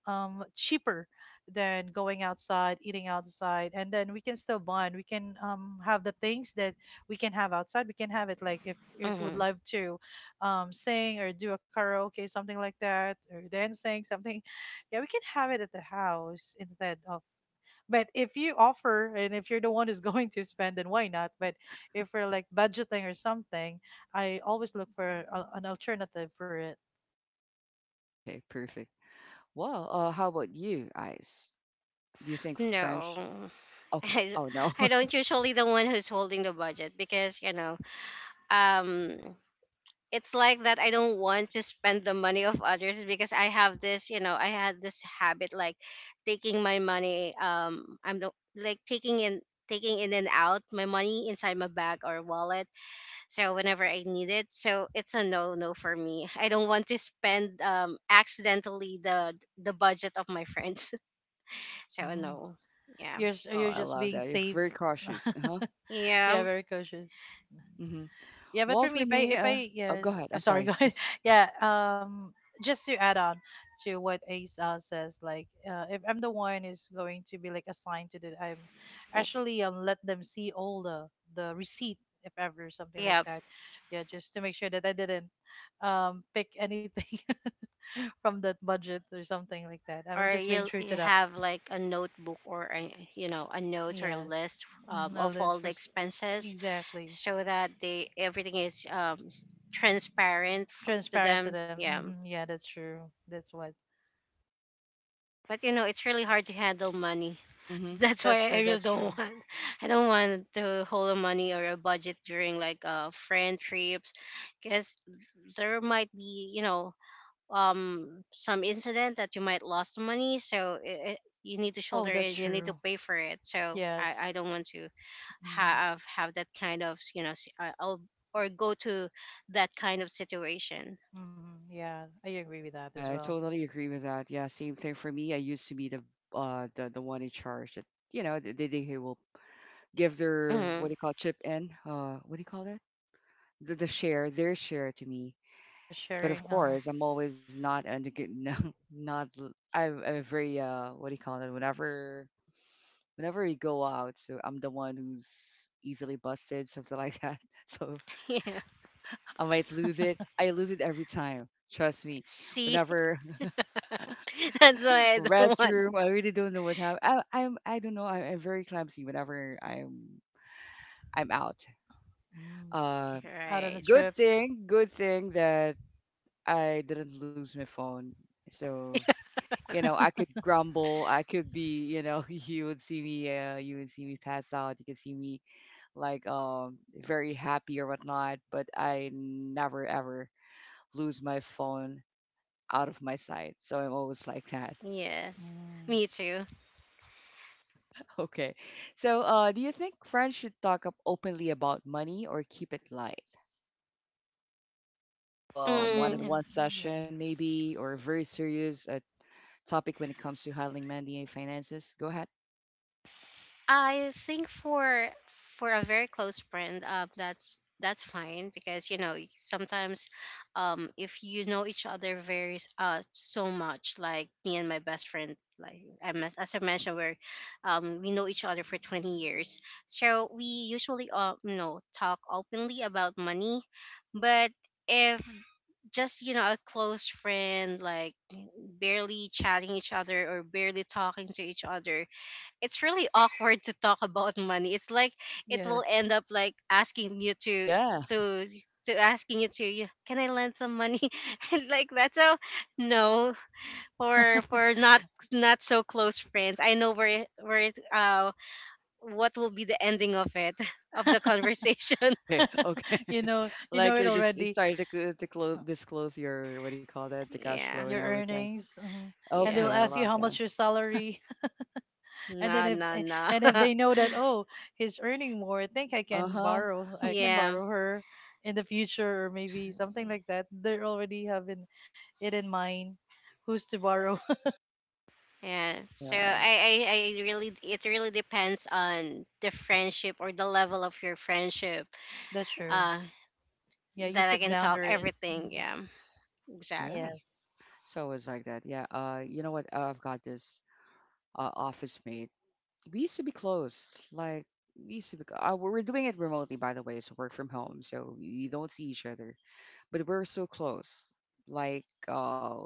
um, cheaper than going outside, eating outside, and then we can still bond. We can, have the things that we can have outside. We can have it, like, if we would Mhm. love to, sing or do a karaoke, something like that, or dancing, something. Yeah, we can have it at the house, instead of, but if you offer and if you're the one who's *laughs* going to spend, then why not? But if we're like budgeting or something, I always look for an alternative for it. Okay, perfect. Well, how about you, Ice? Do you think No, French? *laughs* Okay. I, Oh no. I *laughs* don't usually the one who's holding the budget, because um it's like that I don't want to spend the money of others, because I have this, I had this habit like taking my money. I'm no, Like taking in and out my money inside my bag or wallet, so whenever I need it. So it's a no no for me. I don't want to spend accidentally the budget of my friends. *laughs* So Mm. no. Yeah. You're Oh, you're I just love being that. You're safe. very cautious. Uh huh. *laughs* Yeah, Yeah. very cautious. Mm-hmm. Yeah, but for Well, me, for if I me, if I oh, go yes, ahead. I'm sorry, *laughs* go sorry. ahead. Yeah, just to add on to what Ace, says, like, if I'm the one is going to be like assigned to the, I'm actually let them see all the receipt, if ever, something like Yeah. that. Yeah, just to make sure that I didn't pick anything *laughs* from that budget or something like that. I'm Or just being you'll true to you them. have like a notebook, or a, a note or a Yes. list Mhm, a of list all for the expenses, exactly, so that they everything is transparent to transparent to them. them. Yeah. Hmm. Yeah, that's true. That's what. But you know, it's really hard to handle money. Mm-hmm. *laughs* That's That's why I true. really That's true. don't *laughs* want I don't want to hold a money or a budget during like friend trips, because there might be, some incident that you might lost some money. So you need to Oh, shoulder that's it, you need to true. pay for it. So Yes. I don't want to Hmm. Have that kind of or go to that kind of situation. Hmm. Yeah, I agree with that as Yeah, I well. totally agree with that. Yeah, same thing for me. I used to be the the one in charge that you know they will give their what Mm. do you call chip in what do you call that the share their share to me. Yeah, But of sharing. Course, I'm always not under good *laughs* no, not l- I'm a very what do you call that whenever whenever we go out, so I'm the one who's easily busted something like that. *laughs* So *laughs* Yeah. I might lose it. I lose it every time. Trust me. See. Whenever *laughs* That's why I don't want. restroom. I really don't know what happened. I, I'm I don't know. I'm very clumsy whenever I'm out. mm, Uh, Out on a Right. good trip. thing, good thing that I didn't lose my phone. So you know, *laughs* I could grumble. I could be, you know, *laughs* you would see me, you would see me pass out. You could see me like very happy or whatnot. But I never ever lose my phone out of my sight. So I'm always like that. Yes. Mm. Me too. Okay. So, do you think friends should talk up openly about money or keep it light? Have a Um. Mm, one-on-one session, Yes. maybe, or a very serious topic when it comes to handling money and finances? Go ahead. I think for a very close friend, that's fine, because you know sometimes, if you know each other very so much, like me and my best friend. Like as I mentioned, we're we know each other for 20 years, so we usually you know talk openly about money. But if just you know a close friend like barely chatting each other or barely talking to each other, it's really awkward to talk about money. It's like it will end Yes. up like asking you to Yeah. to to asking you to, "Yeah, can I lend some money?" *laughs* And like that. So no, for not so close friends. I know where it, what will be the ending of it, *laughs* of the conversation. Okay. Okay. *laughs* You know. *laughs* You know Like it you're just you already. started to, cl- to close, disclose your, what do you call that? The cash flow *laughs* Yeah, and Your everything. earnings, mhm. And they will yeah. Okay. I ask you love how that. much your salary. and then No, if no, eh, no. and if they know that, oh, he's earning more, I think i can Uh-huh. borrow *laughs* i can Yeah. borrow her in the future, or maybe something like that. They're already having it in mind who's to borrow. *laughs* Yeah. So Yeah. I really it really depends on the friendship or the level of your friendship. That's true. Uh, Yeah, you that I set can talk boundaries. Mhm. everything. Yeah. Yeah. Exactly. Yes, So it's like that. Yeah. You know what? I've got this office mate. We used to be close. Like we used to be. We're doing it remotely, by the way. So work from home, so you don't see each other, but we're so close. Like,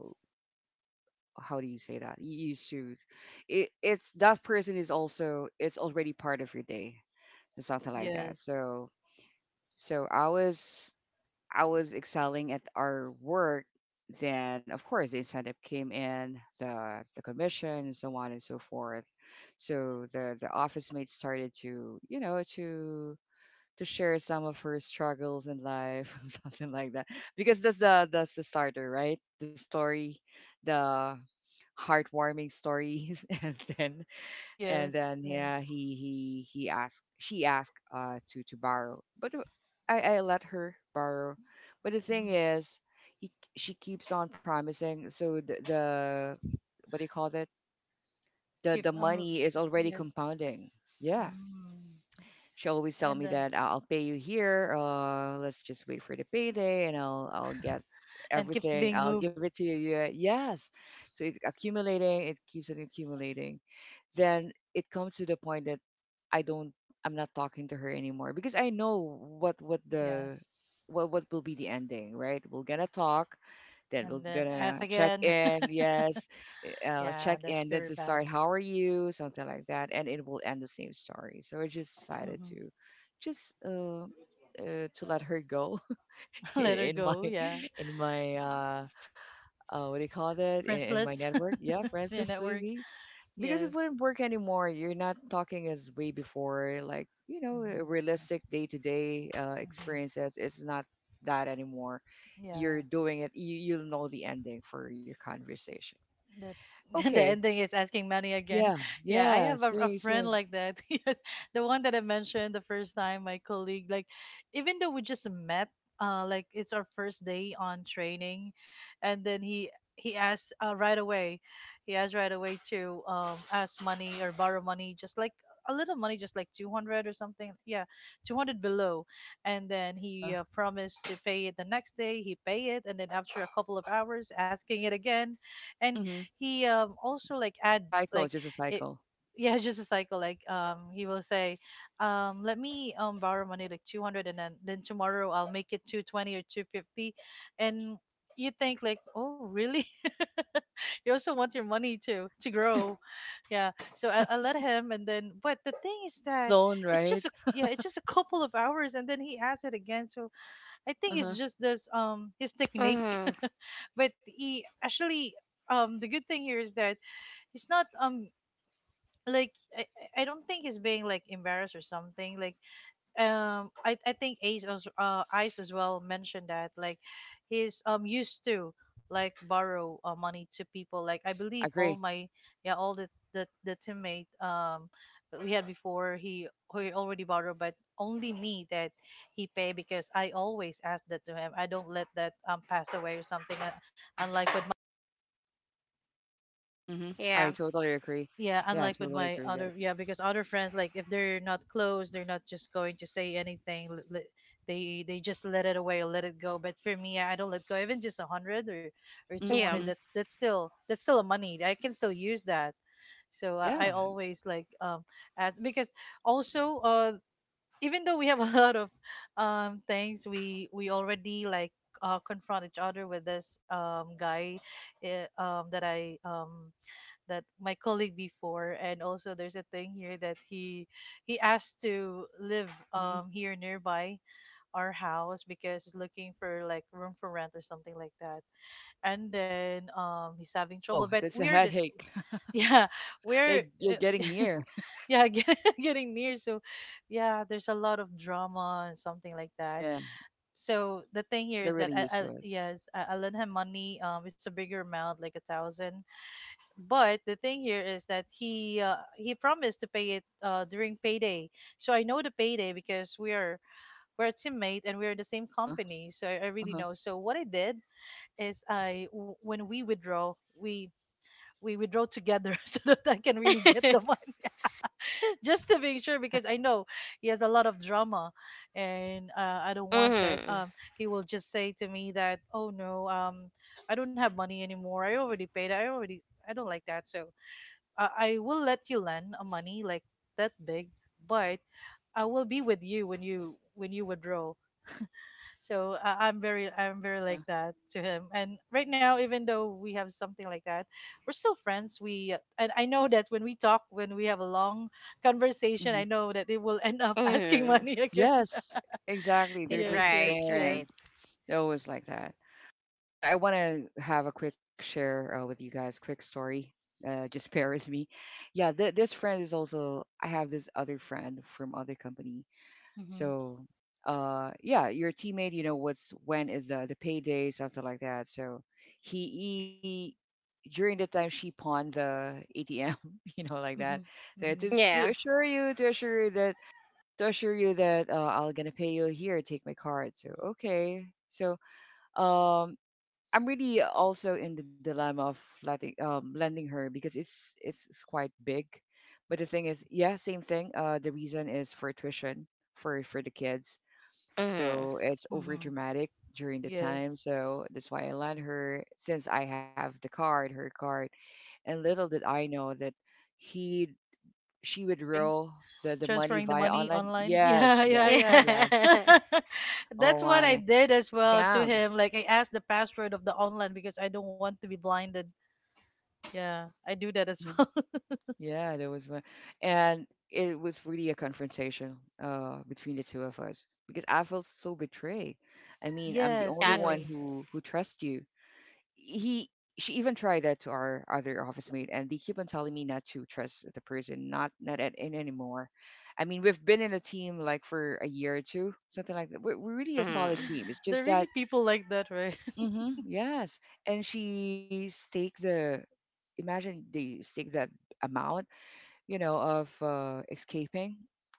how do you say that? You used to. It, it's that person is also. It's already part of your day. It's something like that. yes, So so I was excelling at our work, then of course the incentive came in, the commission and so on and so forth. So the office mate started to, you know, to share some of her struggles in life, *laughs* something like that. Because that's the starter, right? The story, the heartwarming stories *laughs* and yes, then yeah yes. he asked she asked to borrow but I let her borrow but the thing Mhm. is he, she keeps on promising so the what do you call that Keep, the money is already yes, compounding yeah mm. she always tell and me then that "I- I'll pay you here. Let's just wait for the payday, and I'll get and keeps everything. being I'll moved, give it to you. Yeah, yes. So it accumulating. It keeps on accumulating. Then it comes to the point that I don't. I'm not talking to her anymore because I know what the yes. What will be the ending. Right? We're gonna talk. Then And we're then ask gonna check again. *laughs* in. Yes check Yeah, that's in, then very just bad. start, how are you, something like that, and it will end the same story. So I just decided Hmm. to just to let her go *laughs* *laughs* Let her in my go, yeah. *laughs* in my what do you call that Friends in my list. network? Yeah, *laughs* friends Yeah, list network. maybe because it Yes. wouldn't work anymore. You're not talking as way before, like you know, Hmm. realistic day to day Hmm. experiences. It's not that anymore. Yeah. You're doing it. You you'll know the ending for your conversation. That's *laughs* the Okay, ending is asking money again. yeah, *laughs* Yeah, I yeah, have a same, friend same. like that. *laughs* Yes, the one that I mentioned the first time, my colleague. Like, even though we just met, like it's our first day on training, and then he asked right away. He asked right away to ask money or borrow money, just like a little money, just like 200 or something. Yeah, 200 below, and then Uh-huh. he promised to pay it the next day. He pay it, and then after a couple of hours, asking it again. And Mm-hmm. he also like A add cycle, like just a it. cycle. *laughs* Yeah, it's just a cycle. Like he will say, let me borrow money like 200, and then tomorrow I'll make it 220 or 250. And you think like, oh really? *laughs* You also want your money to grow. Yeah, so I let Yes. *laughs* him, and then but the thing is Like that alone, it's right? just a, yeah, it's just a couple of hours and then he asks it again. So I think it's Uh-huh. just this, his technique. Mhm. *laughs* But he actually, the good thing here is that he's not, like I don't think he's being like embarrassed or something. Like, I think Ace, as Ice as well mentioned, that like he's used to like borrow money to people. Like I Yes, I believe all agree. my, yeah, all the teammate that we had before, he already borrowed, but only me that he pay, because I always ask that to him. I don't let that pass away or something, unlike with. Mm-hmm. I Yeah. totally agree. Yeah, Yeah, I unlike with totally my agree with that. other, yeah, because other friends, like if they're not close, they're not just going to say anything. They just let it away or let it go. But for me, I don't let go. Even just 100 or two Mm-hmm. hundred, Yeah. that's still that's still a money. I can still use that. So I, Yeah. I always like ask, because also even though we have *laughs* a lot of things, we already like confront each other with this guy, eh, that I that my colleague before. And also there's a thing here that he asked to live Mm-hmm. Here nearby our house, because he's looking for like room for rent or something like that. And then he's having trouble, Oh, but that's a we're this. headache. *laughs* *laughs* Yeah, we're, Like you're uh, getting near. yeah, *laughs* getting near. So yeah, there's a lot of drama and something like that. Yeah, So the thing here they're is that really used to I, it. yes, I lend him money. It's a bigger amount, like 1,000. But the thing here is that he promised to pay it during payday. So I know the payday, because we are, we're a teammate and we're in the same Uh-huh. company. So I really Uh-huh. know. So what I did is when we withdraw together *laughs* so that I can really *laughs* get the money. *laughs* Just to make sure, Yeah. *laughs* because I know he has a lot of drama. And I don't want that. Mhm. He will just say to me that, oh no, I don't have money anymore. I already paid. I already, I don't like that. So I will let you lend a money like that big, but I will be with you when you when you withdraw. So I'm very like Uh-huh. that to him. And right now, even though we have something like that, we're still friends. We and I know that when we talk, when we have a long conversation, Mm-hmm. I know that they will end up *laughs* asking Mhm. money again. *laughs* Yes, exactly. They're Eh, just Yes, the right, yes, yes. right. same. They're always like that. Well, I want to have a quick share with you guys, quick story. Just *laughs* bear with me. Yeah, th- this friend is also. I have this other friend from other company. Mm-hmm, So, yeah, your teammate. You know what's when is the payday, something like that. So he, he during the time she pawned the ATM, *laughs* you know, like that. mm-hmm, So it mm-hmm, is Yeah. To assure you that, to assure you that I'll gonna pay you here. Take my card. So okay. So um I'm really also in the dilemma of letting lending her because it's quite big. But the thing is, yeah, same thing. The reason is for tuition for the kids. Mhm. So *laughs* it's over mm-hmm. dramatic during the time. Yes. So that's why I lent her since I have the card, her card. And little did I know that he she would Spring. roll the money Transferring the via money online. online. *laughs* Yeah, Yes, yeah, yes, yes. Yeah. yeah. *laughs* Oh That's what I my did as well to scam. him. Like I asked the password of the online, because I don't want to be blinded. Yeah, I do that as Mm-hmm. well. *laughs* Yeah, there was one. And it was really a confrontation between the two of us because I felt so betrayed. I mean, I'm the Yes, only one Exactly. yes. Who trusts you. He she even tried that to our other office mate and they keep on telling me not to trust the person, not not at in anymore. I mean, we've been in a team like for a year or two, something like that. We're really a solid Mhm. team. It's *sighs* There just are that really people like that, right? *laughs* Yes. And she stake the imagine they stake that amount you know, of escaping.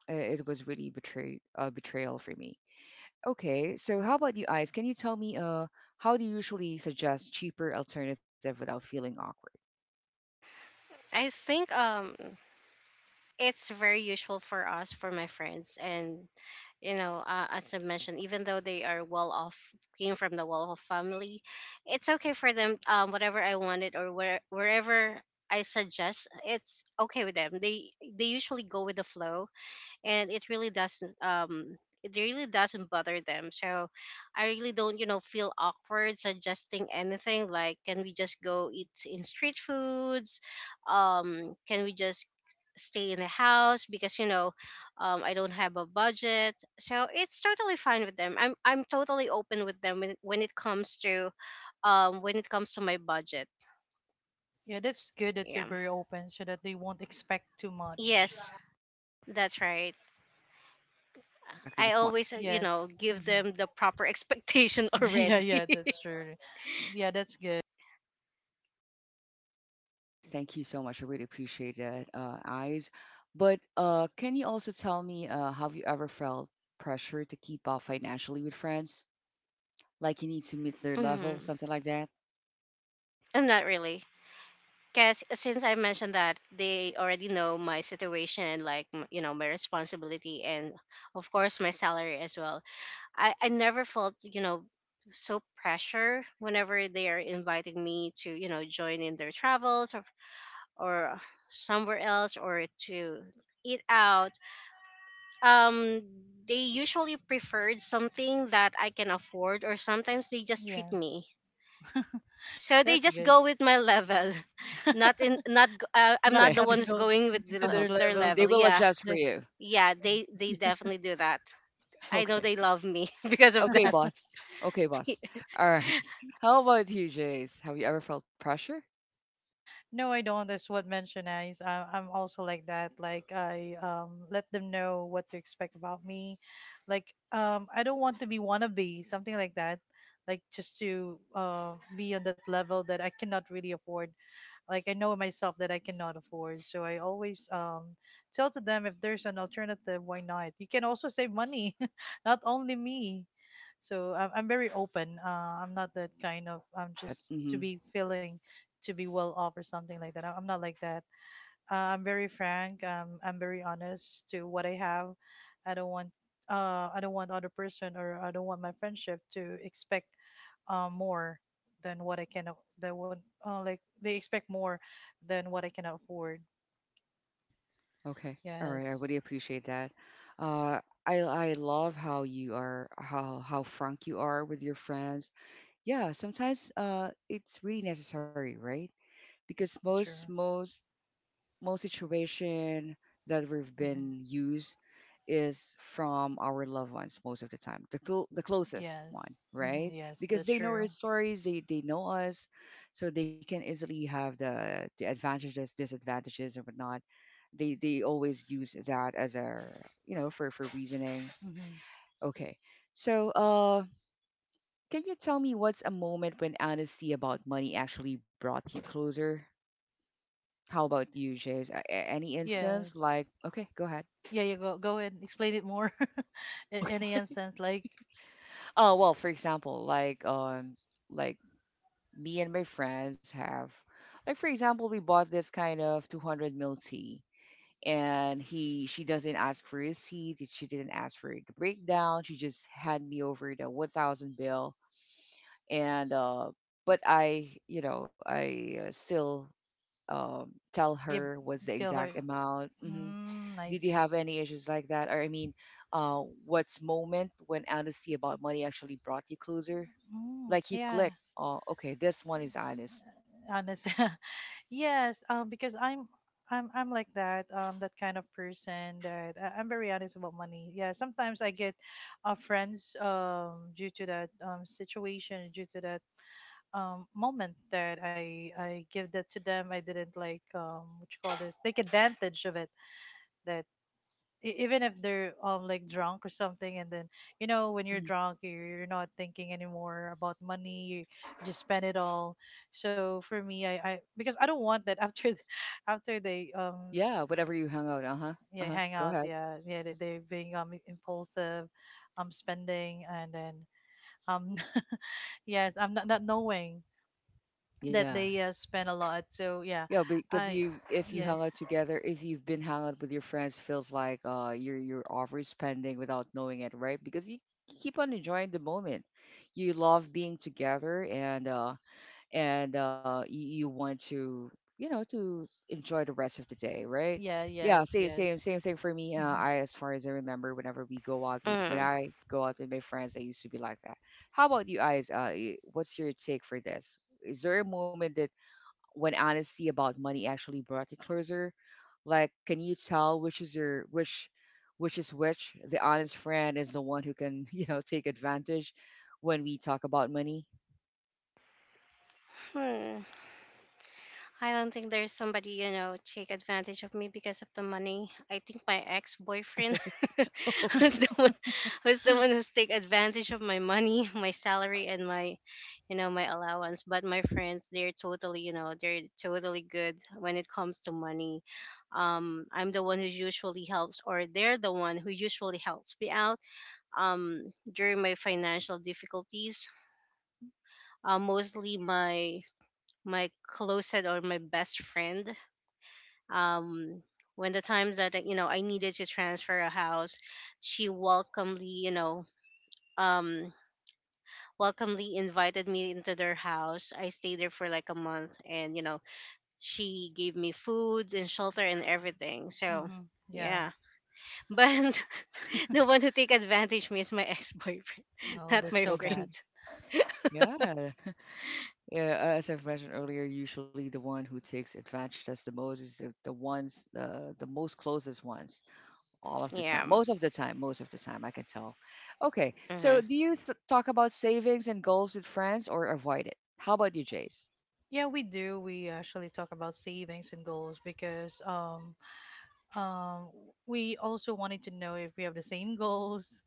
It was really betray betrayal for me. Okay, so how about you, Ice? Can you tell me how do you usually suggest cheaper alternative without feeling awkward? I think it's very useful for us, for my friends. And you know, as I mentioned, even though they are well off, came from the well off family, it's okay for them. Whatever I wanted, or wherever I suggest, it's okay with them. They usually go with the flow, and it really doesn't bother them. So I really don't, you know, feel awkward suggesting anything, like can we just go eat in street foods, can we just stay in the house, because you know, I don't have a budget. So it's totally fine with them. I'm totally open with them when, it comes to when it comes to my budget. Yeah, that's good that you're Yeah. very open so that they won't expect too much. Yes. That's right. Exactly the I point. always, you Yes. know, give Hmm. them the proper expectation *laughs* *laughs* Yeah, already. yeah, that's true. Yeah, that's good. Okay, thank you so much. I really appreciate that, Ice. But can you also tell me, have you ever felt pressure to keep up financially with friends? Like you need to meet their level, Mm-hmm. something like that? I'm not really. Because since I mentioned that, they already know my situation, like, you know, my responsibility, and of course, my salary as well. I never felt, you know, so pressure whenever they are inviting me to, you know, join in their travels, or somewhere else, or to eat out. um they usually preferred something that I can afford, or sometimes they just treat Yeah, me. So they that's just good. go with my level. *laughs* *laughs* Not in not g- I'm Not not Okay. the not one to *laughs* who's go going with the, to Uh-huh. their their levels. They level. will *laughs* Yeah. adjust for They- you. Yeah, they definitely do that. *laughs* I know Okay. they love me *laughs* because of Okay, that. boss. Okay, boss. *laughs* All right. *laughs* How about you, Jace? Have you ever felt pressure? No, I don't. That's what mentioned is I'm also like that. Like I let them know what to expect about me. Like I don't want to be wannabe, something like that. Like just to be on that level that I cannot really afford. Like I know myself that I cannot afford. So I always tell to them, if there's an alternative, why not? You can also save money, *laughs* not only me. So I'm very open. I'm not that kind of. Love I'm that. just to Hmm. be feeling to be well off or something like that. I'm not like that. I'm very frank. I'm very honest to what I have. I don't want. I don't want other person, or I don't want my friendship to expect more than what I can. That would like, they expect more than what I can afford. Okay. All right. I Yes, really appreciate that. Uh, I love how you are, how frank you are with your friends. Yeah. Sometimes it's really necessary, right? Because that's most true. most most situation that we've Hmm. been used is from our loved ones, most of the time the closest one, Yes, right? hmm, yes, Because that's they know our true. stories, they know us, so they can easily have the advantages, disadvantages and whatnot. They always use that as a, for reasoning. Hmm. Okay, so can you tell me what's a moment when honesty about money actually brought you closer? How about you, Jace? Any instance? Yes. Like, okay, go ahead. Yeah, you go go and explain it more. *laughs* *laughs* In any Okay. instance, like, Oh, well, for example, like like, me and my friends have, like, for example, we bought this kind of 200 mil tea and he, she doesn't ask for a receipt, she didn't ask for the breakdown, she just had me over the 1,000 bill. And but I, you know, I still tell give, her what's the tell her. exact amount. Hmm. Mm, I Did you see. have any issues like that? Or I mean, what's moment when honesty about money actually brought you closer? Mm, Like you click, yeah, oh, okay, this one is honest. honest. *laughs* Yes. Because I'm. I'm like that, that kind of person that I'm very honest about money. Yeah, sometimes I get friends due to that situation, due to that moment that I give that to them. I didn't like what you call this, take advantage of it. That, even if they're like drunk or something, and then you know, when you're Mhm. drunk, you're not thinking anymore about money, you just spend it all. So for me, I, because I don't want that, after *laughs* after they Yeah, whatever you hung out, uh huh. Uh yeah, huh. hang Go out, ahead. yeah, yeah, they, they're being impulsive, spending, and then um *laughs* yes, I'm not knowing that Yeah. they spend a lot, so yeah. Yeah, because I, you, if you yes. hung out together, if you've been hung out with your friends, feels like you're overspending without knowing it, right? Because you keep on enjoying the moment. You love being together, and you want to, you know, to enjoy the rest of the day, right? Yeah. Yeah, Yes, yes. Same thing for me. Mm-hmm, I, as far as I remember, whenever we go out with- when Mm. I go out with my friends, I used to be like that. How about you guys? What's your take for this? Is there a moment that when honesty about money actually brought you closer? Like, can you tell which is your, which is which? The honest friend is the one who can *laughs* you know, take advantage when we talk about money. Hmm. I don't think there's somebody, you know, take advantage of me because of the money. I think my ex boyfriend *laughs* was the one was the one who's take advantage of my money, my salary, and my, you know, my allowance. But my friends, they're totally, you know, they're totally good when it comes to money. I'm the one who usually helps, or they're the one who usually helps me out during my financial difficulties. Mostly my closest or my best friend. um when the times that you know I needed to transfer a house, she welcomely, you know, um welcomely invited me into their house. I stayed there for like a month, and you know, she gave me food and shelter and everything, so mm-hmm. Yeah. yeah. But *laughs* the one who take advantage me is my ex-boyfriend, *laughs* Oh, not that's my *laughs* so Okay. bad. friends. Yeah. Yeah, as I've mentioned earlier, usually the one who takes advantage of us the most is the ones, the most closest ones, all of the time. Yeah. Most of the time, most of the time, I can tell. Okay, Mm-hmm. so do talk about savings and goals with friends, or avoid it? How about you, Jace? Yeah, we do. We actually talk about savings and goals because um, we also wanted to know if we have the same goals.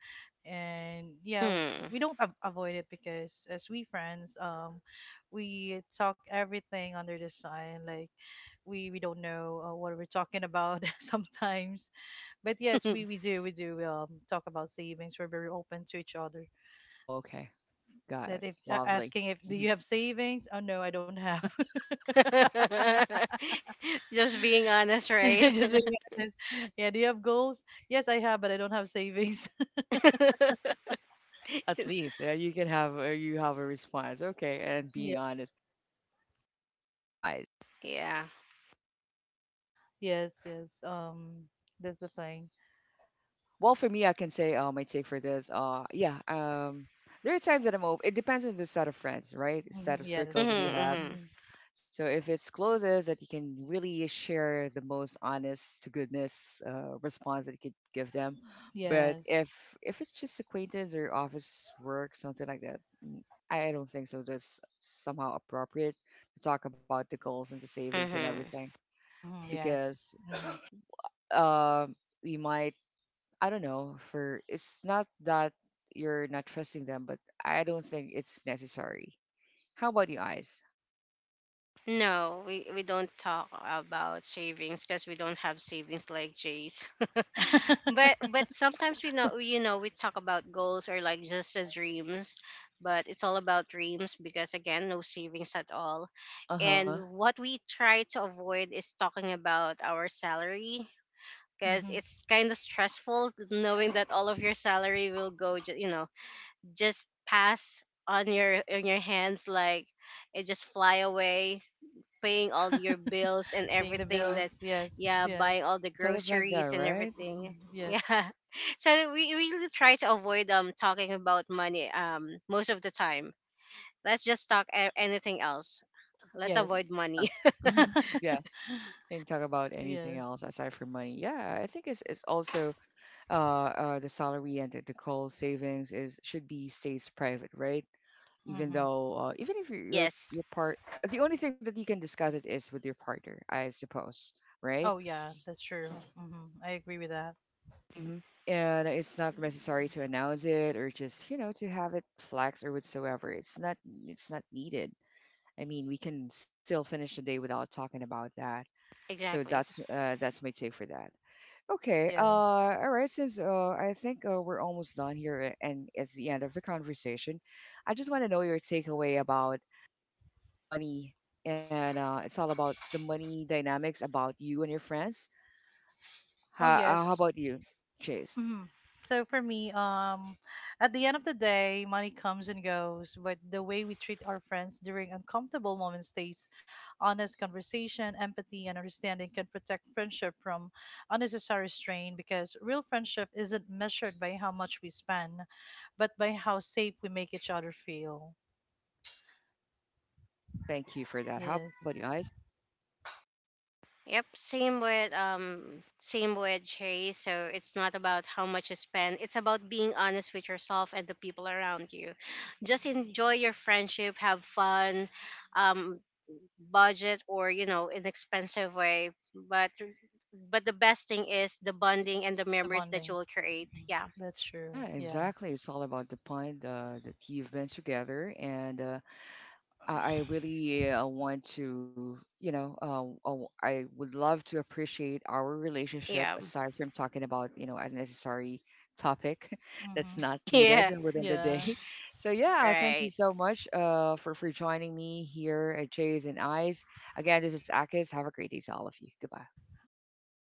And yeah, Hmm. we don't avoid it, because as we friends, we talk everything under the sun. Like we don't know what we're talking about *laughs* sometimes. But yes, Hmm. we do we do talk about savings. We're very open to each other. Oh, okay, got That it. if Lovely. asking if, do you Mhm. have savings? Oh no, I don't have. Mm. *laughs* Just being honest, right? *laughs* Just being honest. Yeah, do you have goals? Yes, I have, but I don't have savings. *laughs* At *laughs* least you can have you have a response. Okay, and Yeah. being honest. What do you, I? Yeah. Yes, yes. That's the thing. Well, for me, I can say, my take for this. Yeah, there are times that I'm over. It depends on the set of friends, right? Set Hmm. of Yeah, that's Mhm. circles that true. you have. Mhm. Hmm. So if it's closest that you can really share the most honest to goodness response that you could give them, but Yes. if it's just acquaintance or office work, something like that, I don't think so. That's somehow appropriate to talk about the goals and the savings and Mhm. everything. Hmm. Yes. Because um, we might, I don't know, for it's not that you're not trusting them, but I don't think it's necessary. How about you, eyes? No, we don't talk about savings, because we don't have savings like Jay's. *laughs* but Mm-hmm. but sometimes we know, you know, we talk about goals, or like just the dreams, but it's all about dreams, because again, no savings at all. Uh-huh. And what we try to avoid is talking about our salary, because Hmm. it's kind of stressful knowing that all of your salary will go you know, just pass on your hands like it just fly away, paying all your bills and *laughs* Paying the everything that, bills. Yes, yeah, yes. buying all Yeah, the it's always like that, groceries and right? Mhm, everything. yes, Yeah. *laughs* So we really try to avoid talking about money most of the time. Let's just talk anything else. Let's yes, avoid Yeah. money. Mm-hmm. Yeah. And talk about anything yes. else aside from money. Yeah, I think it's also the salary and the call savings is should be stays private, right? Even Hmm. though, even *laughs* if you're Yes. Your part, the only thing that you can discuss it is with your partner, I suppose, right? Oh, yeah, that's true. Hmm. I agree with that. Hmm. And it's not necessary to announce it, or just, you know, to have it flex or whatsoever. It's not, it's not needed. I mean, we can still finish the day without talking about that. So Exactly. That's my take for that. Okay. Yes. All right, since I think we're almost done here, and it's the end of the conversation. I just want to know your takeaway about money, and it's all about the money dynamics about you and your friends. Oh, How, how yes. about you, Chase? Hmm. So for me, at the end of the day, money comes and goes, but the way we treat our friends during uncomfortable moments stays. Honest conversation, empathy, and understanding can protect friendship from unnecessary strain, because real friendship isn't measured by how much we spend, but by how safe we make each other feel. Thank you for that. How Yes, about you, Ice? Yep, same with Cherry. So it's not about how much you spend. It's about being honest with yourself and the people around you. Just enjoy your friendship, have fun, um budget or you know, inexpensive way, but the best thing is the bonding and the the memories that you bonding. will create. Mm, Yeah. that's Yeah, true. Yeah. exactly. It's all about the point that you've been together, and I really want to, you know, I would love to appreciate our relationship Yeah. aside from talking about, you know, unnecessary topic *laughs* Mm-hmm. that's not *laughs* needed Yeah. within the day. Yeah. *laughs* So yeah, thank you Right. so much for joining me here at Jays and Eyes. Again, this is Akis. Have a great day to all of you. Goodbye. Goodbye.